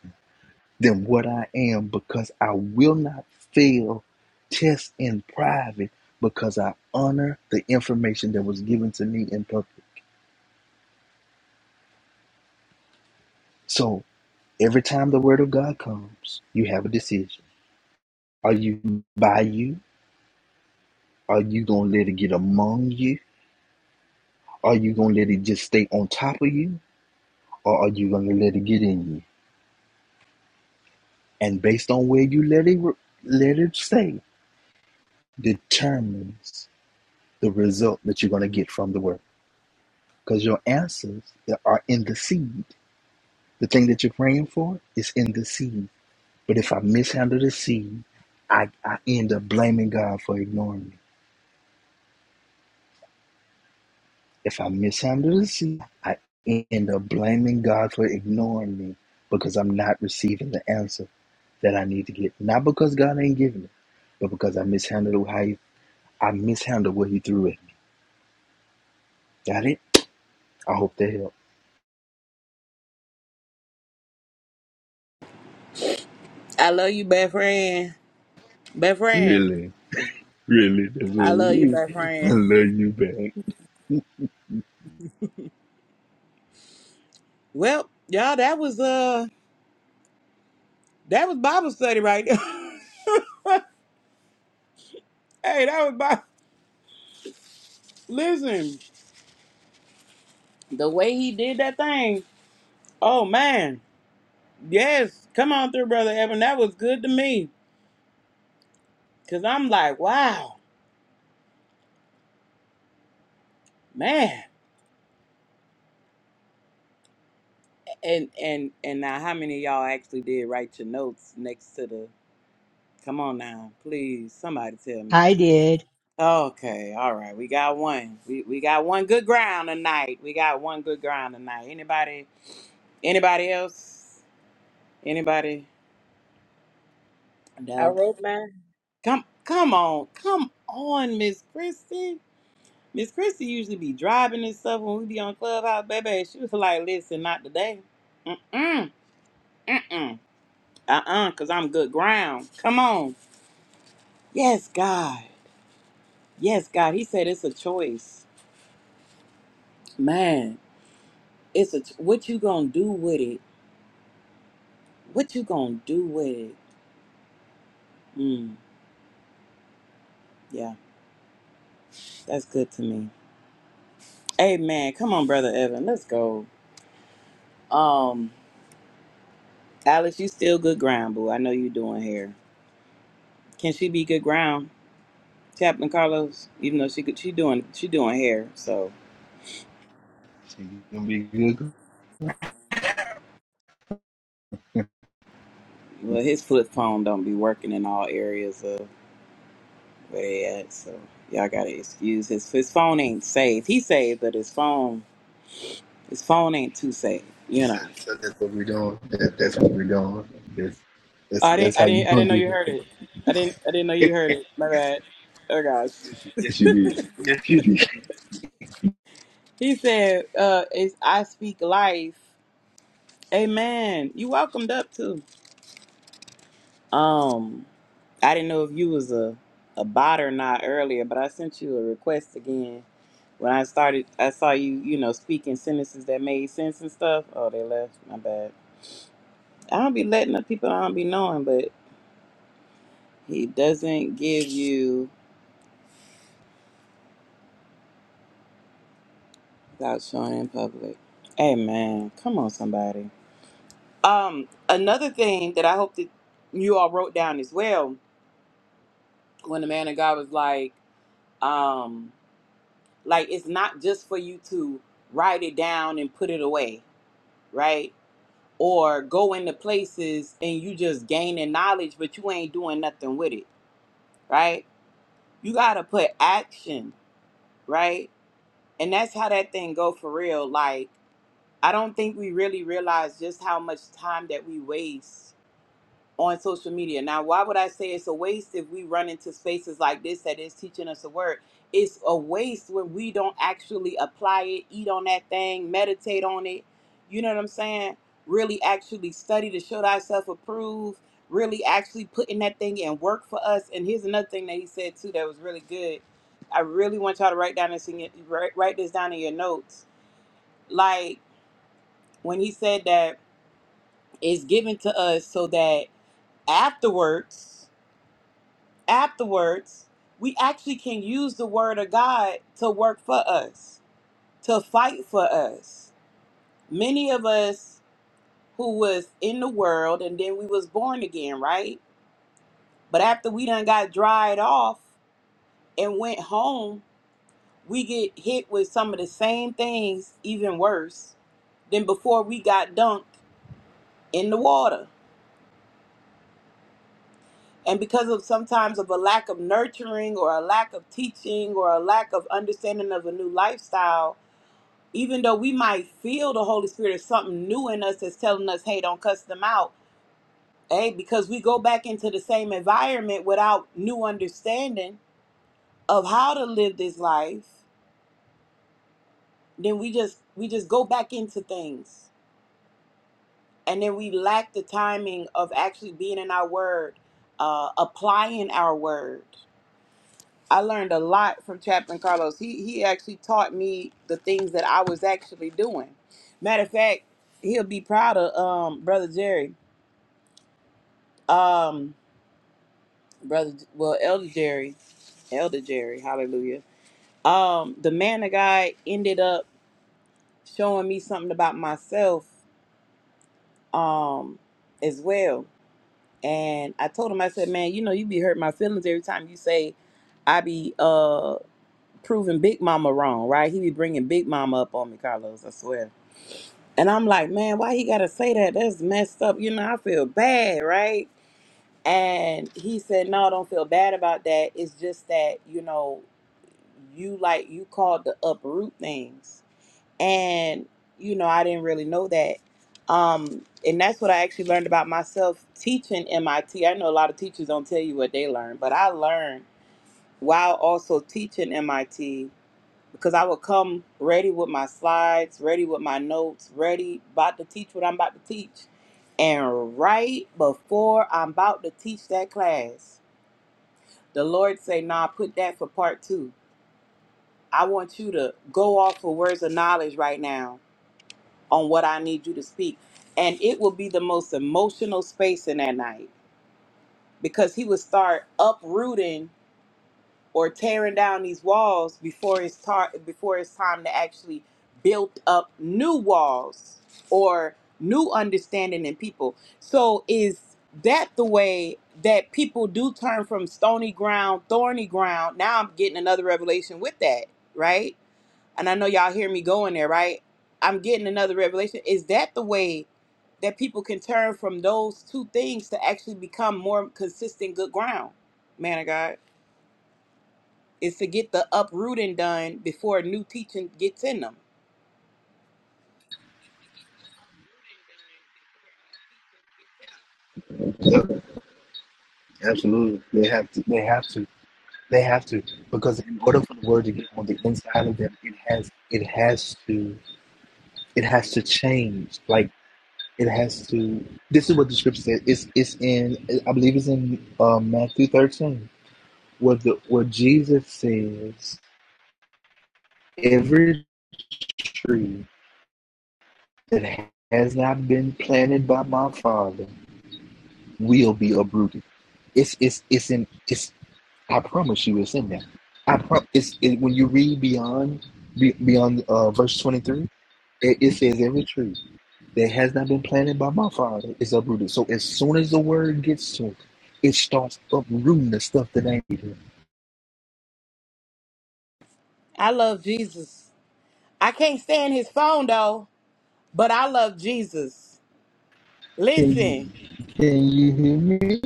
F: than what I am because I will not fail tests in private because I honor the information that was given to me in public. So every time the word of God comes, you have a decision. Are you by you? Are you going to let it get among you? Are you going to let it just stay on top of you? Or are you going to let it get in you? And based on where you let it, let it stay determines the result that you're going to get from the word. because your answers are in the seed. The thing that you're praying for is in the seed. But if I mishandle the seed, I, I end up blaming God for ignoring me. If I mishandle the seed, I end up blaming God for ignoring me because I'm not receiving the answer that I need to get. Not because God ain't giving it, but because I mishandled how he, I mishandled what He threw at me. Got it? I hope that helped.
A: I love you, best friend. Best friend.
F: Really, really, that's what
A: I love you,
F: we.
A: best
F: I
A: friend.
F: love you, back.
A: Well, y'all, that was uh that was Bible study right there. hey, that was Bible. Listen, the way he did that thing. Oh man. Yes. Come on through, brother Evan. That was good to me. Cause I'm like, wow, man. And and and now how many of y'all actually did write your notes next to the Come on now, please. Somebody tell me.
G: I
A: Please.
G: did.
A: Okay, all right. We got one. We we got one good ground tonight. We got one good ground tonight. Anybody? Anybody else? Anybody?
D: I
A: No.
D: wrote mine.
A: Come come on, come on, Miss Christie. Miss Christie usually be driving and stuff when we be on Clubhouse, baby. She was like, "Listen, not today. Mm-mm, mm-mm, uh-uh, cause I'm good ground. Come on. Yes, God. Yes, God. He said it's a choice, man. It's a what you gonna do with it. What you gonna do with it? Mm, yeah, that's good to me. Hey man, come on, brother Evan, let's go. Um, Alex, you still good ground, boo. I know you doing hair. Can she be good ground, Chaplain Carlos? Even though she could, she doing she doing hair. So,
F: She gonna be good
A: well, his flip phone don't be working in all areas of where they at. So y'all gotta excuse his his phone ain't safe. He saved, but his phone his phone ain't too safe. You
F: So,
A: know.
F: so that's what we're doing. That, that's what we're doing. That's, that's
A: I
F: that's
A: didn't. I
F: how you
A: didn't. I
F: gonna
A: didn't know
F: do
A: you
F: it.
A: heard it. I didn't. I didn't know you heard it. My bad. Oh gosh.
F: Yes, yes you did. Yes, you did.
A: He said, "Uh, it's I speak life." Amen. You welcomed up too. Um, I didn't know if you was a a bot or not earlier, but I sent you a request again. When I started, I saw you. You know, speaking sentences that made sense and stuff. Oh, they left. My bad. I don't be letting the people I don't be knowing, but he doesn't give you without showing in public. Amen. Come on, somebody. Um, another thing that I hope that you all wrote down as well, when the man of God was like, um, like it's not just for you to write it down and put it away, right? Or go into places and you just gaining knowledge, but you ain't doing nothing with it, right? You gotta put action, right? And that's how that thing go for real. Like, I don't think we really realize just how much time that we waste on social media. Now, why would I say it's a waste if we run into spaces like this that is teaching us a word? It's a waste when we don't actually apply it, eat on that thing, meditate on it. You know what I'm saying? Really actually study to show thyself approved, really actually putting that thing in work for us. And here's another thing that he said too that was really good. I really want y'all to write down this in your, write, write this down in your notes. Like when he said that it's given to us so that afterwards afterwards, we actually can use the word of God to work for us, to fight for us. Many of us who was in the world and then we was born again, right? But after we done got dried off and went home, we get hit with some of the same things, even worse, than before we got dunked in the water. And because of sometimes of a lack of nurturing or a lack of teaching or a lack of understanding of a new lifestyle, even though we might feel the Holy Spirit is something new in us that's telling us, hey, don't cuss them out, hey, because we go back into the same environment without new understanding of how to live this life, then we just we just go back into things. And then we lack the timing of actually being in our word, uh, applying our word. I learned a lot from Chaplain Carlos. He he actually taught me the things that I was actually doing. Matter of fact, he'll be proud of um, brother Jerry um brother well elder jerry elder jerry hallelujah um the man of god ended up showing me something about myself um as well and i told him i said man you know you be hurt my feelings every time you say i be uh proving big mama wrong right he be bringing big mama up on me carlos i swear and i'm like man why he gotta say that that's messed up you know i feel bad right And he said, No, don't feel bad about that. It's just that, you know, you like you called to uproot things. And, you know, I didn't really know that. Um, and that's what I actually learned about myself teaching MIT. I T. I know a lot of teachers don't tell you what they learned, but I learned while also teaching MIT because I would come ready with my slides, ready with my notes, ready about to teach what I'm about to teach. And right before I'm about to teach that class, the Lord say, "Nah, put that for part 2. I want you to go off for words of knowledge right now on what I need you to speak." And it will be the most emotional space in that night because he would start uprooting or tearing down these walls before it's tar- before it's time to actually build up new walls or new understanding in people. So is that the way that people do turn from stony ground, thorny ground? Now I'm getting another revelation with that, right? And I know y'all hear me going there, right? I'm getting another revelation. Is that the way that people can turn from those two things to actually become more consistent good ground, man of God? is to get the uprooting done before new teaching gets in them.
F: Absolutely. They have to. They have to. They have to. Because in order for the word to get on the inside of them, it has. It has to. It has to change. Like it has to. This is what the scripture says. It's. It's in. I believe it's in uh, Matthew thirteen. Where the where Jesus says, "Every tree that has not been planted by my Father." will be uprooted. It's it's it's in it's. I promise you, it's in there. I pro- it's it, when you read beyond be, beyond uh, verse twenty three, it, it says every tree that has not been planted by my father is uprooted. So as soon as the word gets to it, it starts uprooting the stuff that ain't here.
A: I love Jesus. I can't stand his phone though, but I love Jesus.
F: Can you
A: Listen,
F: can you hear me?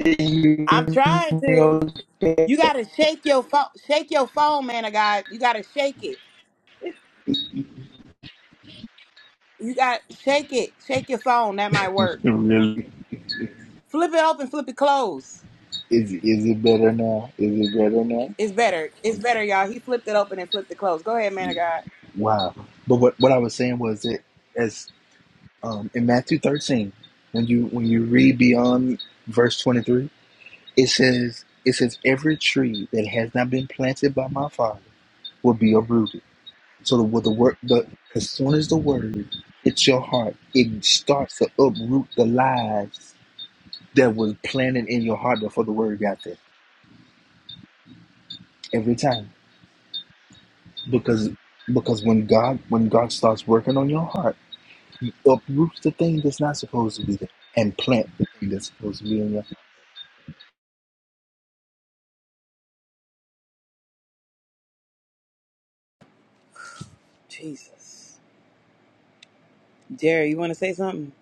F: Can you
A: I'm
F: hear
A: trying
F: me?
A: to.
F: okay?
A: You gotta shake your phone, shake your phone, man of God. You gotta shake it. You got shake it, shake your phone. That might work.
F: Really?
A: Flip it open, flip it closed.
F: Is is it better now? Is it better now?
A: It's better. It's better, y'all. He flipped it open and flipped it closed. Go ahead, man of God.
F: Wow. But what what I was saying was that. as um, in Matthew 13, when you when you read beyond verse 23, it says it says every tree that has not been planted by my Father will be uprooted. So the the word the as soon as the word hits your heart, it starts to uproot the lies that was planted in your heart before the word got there. Every time, because because when God when God starts working on your heart, He uproots the thing that's not supposed to be there and plant the thing that's supposed to be in your
A: Jesus, Jerry, you want to say something?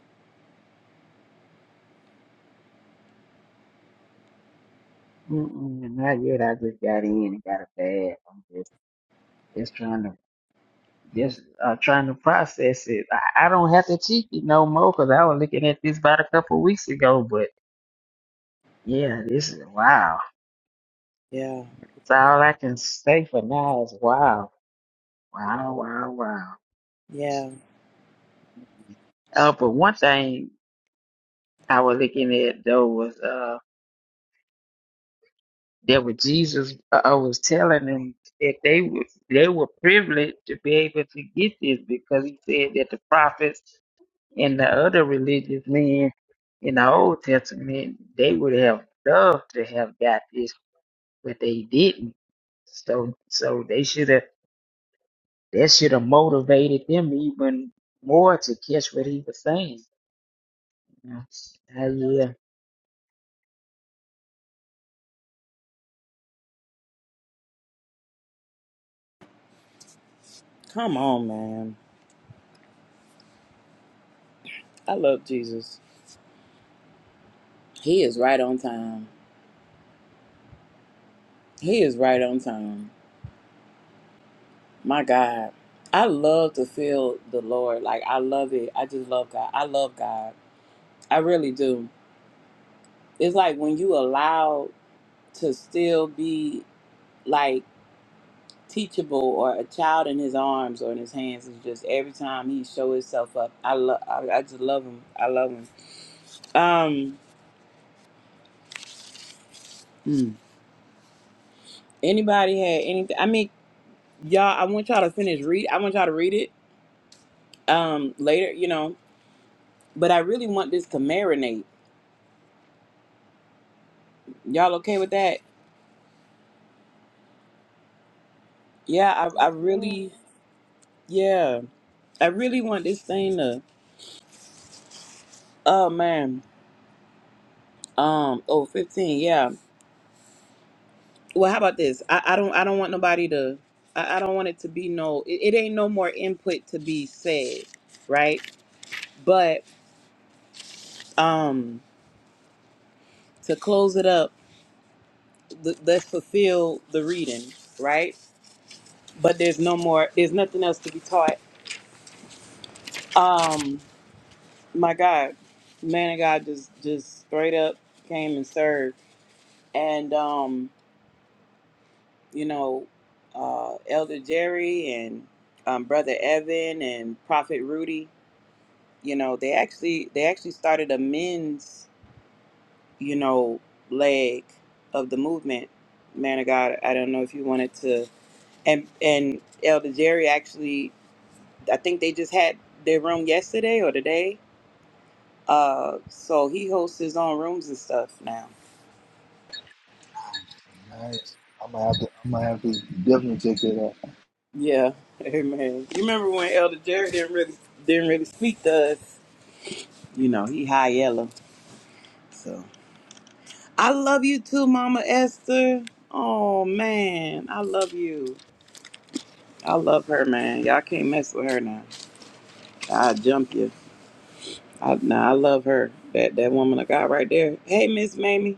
H: Mm-mm, not yet. I just got in and got a bag. I'm just just trying to just uh trying to process it. I, I don't have to cheek it no more because I was looking at this about a couple of weeks ago. But yeah, this is wow.
A: Yeah,
H: That's all I can say for now is wow, wow, wow, wow.
A: yeah.
H: Uh, but one thing I was looking at though was uh that what Jesus uh, uh, was telling them that they was they were privileged to be able to get this because he said that the prophets. And the other religious men in the Old Testament, they would have loved to have got this, but they didn't. So, so they should have that should have motivated them even more to catch what he was saying. You know?
A: Come on, man. I love Jesus. He is right on time. He is right on time. My God. I love to feel the Lord. Like, I love it. I just love God. I love God. I really do. It's like when you allow to still be like teachable or a child in his arms or in his hands is just every time he show himself up. I love, I, I just love him. I love him. Um, mm. anybody had anything? I mean, y'all, I want y'all to finish read. I want y'all to read it um later you know but I really want this to marinate. Y'all okay with that? Yeah, I, I
D: Yes, ma'am.
A: really, yeah, I really want this thing to. Oh man, um, Oh, 15. yeah. Well, how about this? I, I don't, I don't want nobody to. I, I don't want it to be no. It, it ain't no more input to be said, right? But um, to close it up, th- let's fulfill the reading, right? But there's no more. There's nothing else to be taught. Um, my God, man of God just just straight up came and served. And um, you know, uh Elder Jerry and um Brother Evan and Prophet Rudy, you know, they actually they actually started a men's, you know, leg of the movement. Man of God, I don't know if you wanted to and and Elder Jerry actually I think they just had their room yesterday or today. Uh so he hosts his own rooms and stuff now.
F: Nice. I'm gonna have to. I'm gonna have to definitely check that out.
A: Yeah, amen. You remember when Elder Jerry didn't really didn't really speak to us? You know, he high yellow. So I love you too, Mama Esther. Oh man, I love you. I love her, man. Y'all can't mess with her now. I'll jump you. I, nah, I love her. That that woman of God right there. Hey, Miss Mamie.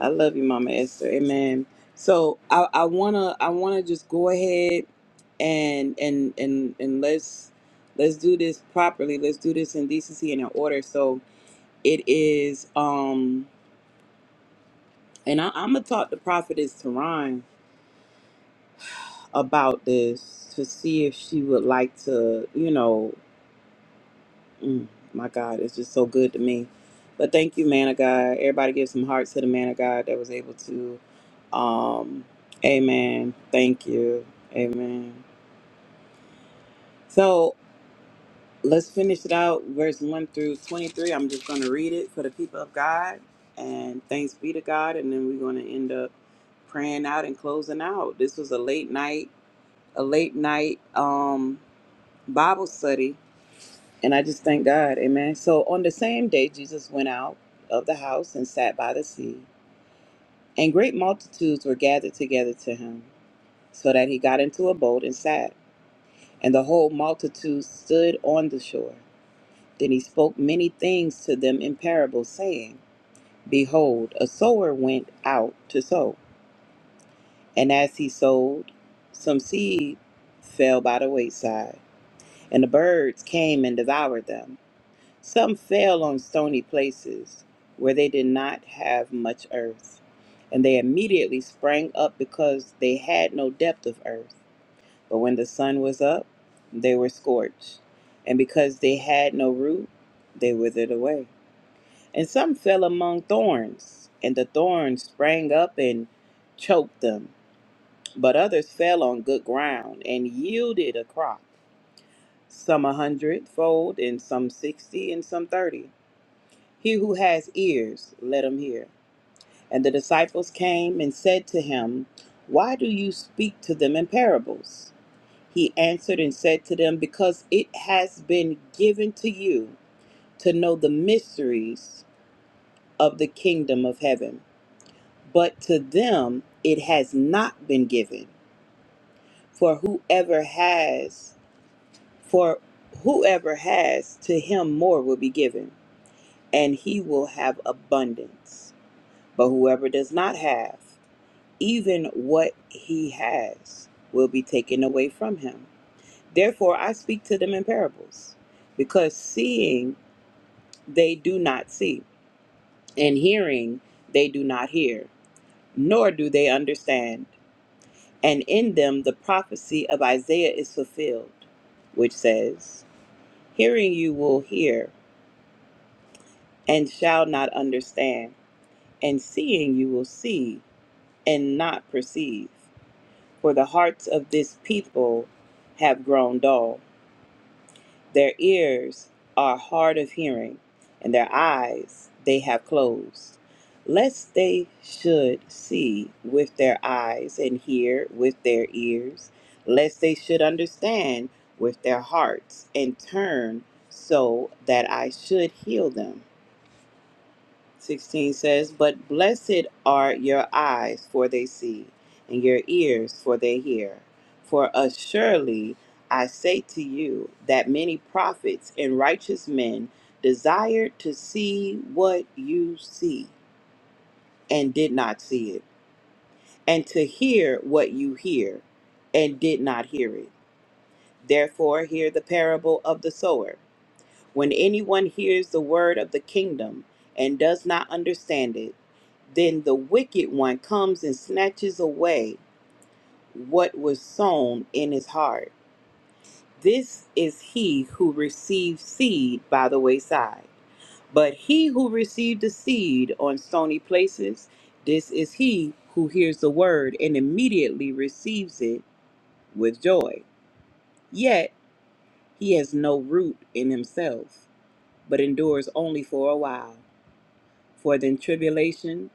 A: I love you, Mama Esther. Amen. So I, I wanna I wanna just go ahead and and and and let's let's do this properly. Let's do this in decency and in order. So it is um and I, I'm gonna talk to Prophetess Teron about this to see if she would like to, you know. Mm, my God, it's just so good to me. But thank you, man of God. Everybody give some hearts to the man of God that was able to. Um, amen. Thank you. Amen. So let's finish it out. Verse 1 through 23. I'm just going to read it for the people of God. And thanks be to God. And then we're going to end up praying out and closing out. This was a late night, a late night um, Bible study And I just thank God. Amen. So on the same day, Jesus went out of the house and sat by the sea. And great multitudes were gathered together to him, so that he got into a boat and sat. And the whole multitude stood on the shore. Then he spoke many things to them in parables, saying, Behold, a sower went out to sow. And as he sowed, some seed fell by the wayside, and the birds came and devoured them. Some fell on stony places where they did not have much earth, and they immediately sprang up because they had no depth of earth. But when the sun was up, they were scorched, and because they had no root, they withered away. And some fell among thorns, and the thorns sprang up and choked them. But others fell on good ground and yielded a crop, some a hundredfold, and some sixty, and some thirty. He who has ears, let him hear. And the disciples came and said to him, Why do you speak to them in parables? He answered and said to them, Because it has been given to you to know the mysteries of the kingdom of heaven, but to them it has not been given. For whoever has, for whoever has, to him more will be given, and he will have abundance. But whoever does not have, even what he has will be taken away from him. Therefore, I speak to them in parables, because seeing they do not see, and hearing they do not hear, nor do they understand. And in them the prophecy of Isaiah is fulfilled, which says, Hearing you will hear, and shall not understand, and seeing you will see, and not perceive. For the hearts of this people have grown dull Their ears are hard of hearing, and their eyes they have closed, lest they should see with their eyes and hear with their ears, lest they should understand with their hearts and turn so that I should heal them. 16 says, But blessed are your eyes, for they see, and your ears, for they hear. For assuredly I say to you that many prophets and righteous men desired to see what you see, and did not see it, and to hear what you hear, and did not hear it. Therefore, hear the parable of the sower. When anyone hears the word of the kingdom and does not understand it, then the wicked one comes and snatches away what was sown in his heart. This is he who receives seed by the wayside. But he who received the seed on stony places, this is he who hears the word and immediately receives it with joy. Yet he has no root in himself, but endures only for a while. For then tribulation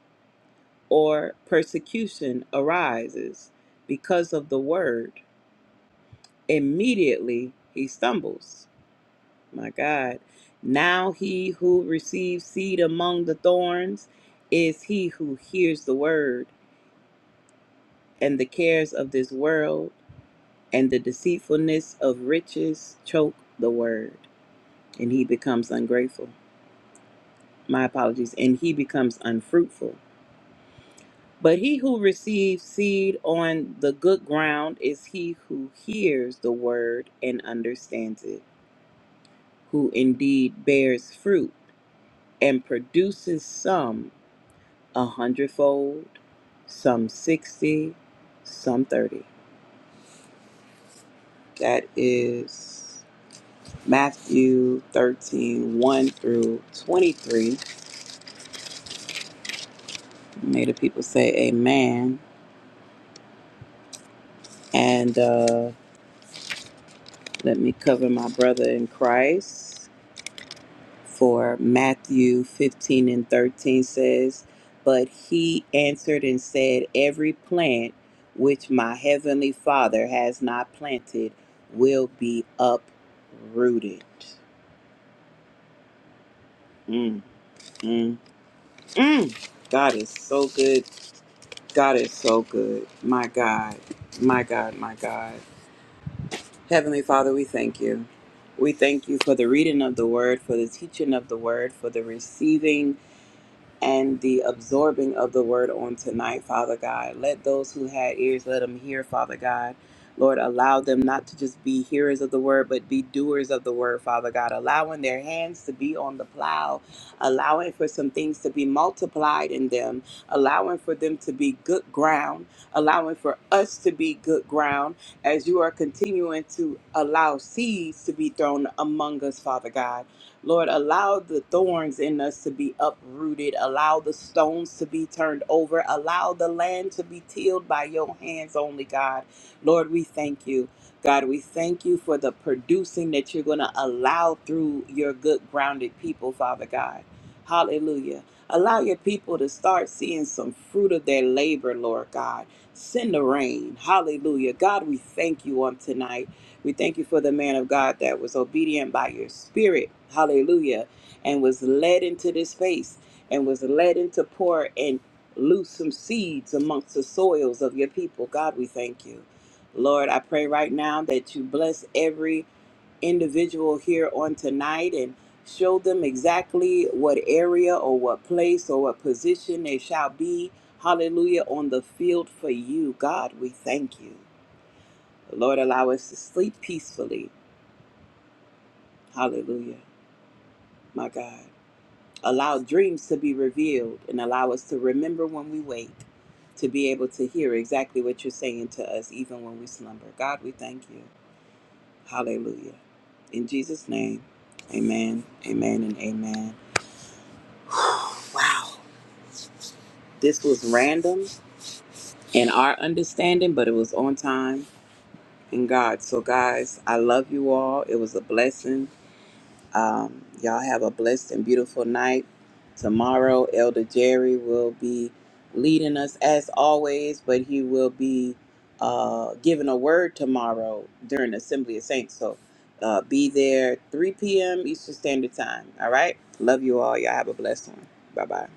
A: or persecution arises because of the word. Immediately he stumbles. My God. Now he who receives seed among the thorns is he who hears the word, and the cares of this world and the deceitfulness of riches choke the word, and he becomes ungrateful. My apologies. And he becomes unfruitful. But he who receives seed on the good ground is he who hears the word and understands it, who indeed bears fruit and produces some a hundredfold, some sixty, some thirty. That is Matthew thirteen one through 23. May the people say amen. And uh, let me cover my brother in Christ. for Matthew 15 and 13 says, But he answered and said, Every plant which my heavenly Father has not planted will be uprooted. Mm, mm, mm. God is so good. God is so good. My God, my God, my God. Heavenly Father, we thank you. We thank you for the reading of the word, for the teaching of the word, for the receiving and the absorbing of the word on tonight, Father God. Let those who had ears, let them hear, Father God. Lord, allow them not to just be hearers of the word, but be doers of the word, Father God. Allowing their hands to be on the plow, allowing for some things to be multiplied in them, allowing for them to be good ground, allowing for us to be good ground as you are continuing to allow seeds to be thrown among us, Father God. Lord, allow the thorns in us to be uprooted. Allow the stones to be turned over. Allow the land to be tilled by your hands only, God. Lord, we thank you. God, we thank you for the producing that you're going to allow through your good grounded people, Father God. Hallelujah. Allow your people to start seeing some fruit of their labor, Lord God. Send the rain. Hallelujah. God, we thank you on tonight. We thank you for the man of God that was obedient by your spirit. Hallelujah. And was led into this space and was led into pour and loose some seeds amongst the soils of your people. God, we thank you. Lord, I pray right now that you bless every individual here on tonight and show them exactly what area or what place or what position they shall be. Hallelujah. On the field for you. God, we thank you. Lord, allow us to sleep peacefully Hallelujah. My God. Allow dreams to be revealed and allow us to remember when we wake to be able to hear exactly what you're saying to us even when we slumber. God, we thank you. Hallelujah. In Jesus' name. Amen. Amen and amen. wow. This was random in our understanding, but it was on time in God. So guys, I love you all. It was a blessing. Um, y'all have a blessed and beautiful night. Tomorrow, Elder Jerry will be leading us as always, but he will be uh, giving a word tomorrow during Assembly of Saints. So uh, be there 3 p.m. Eastern Standard Time. All right? Love you all. Y'all have a blessed one. Bye bye.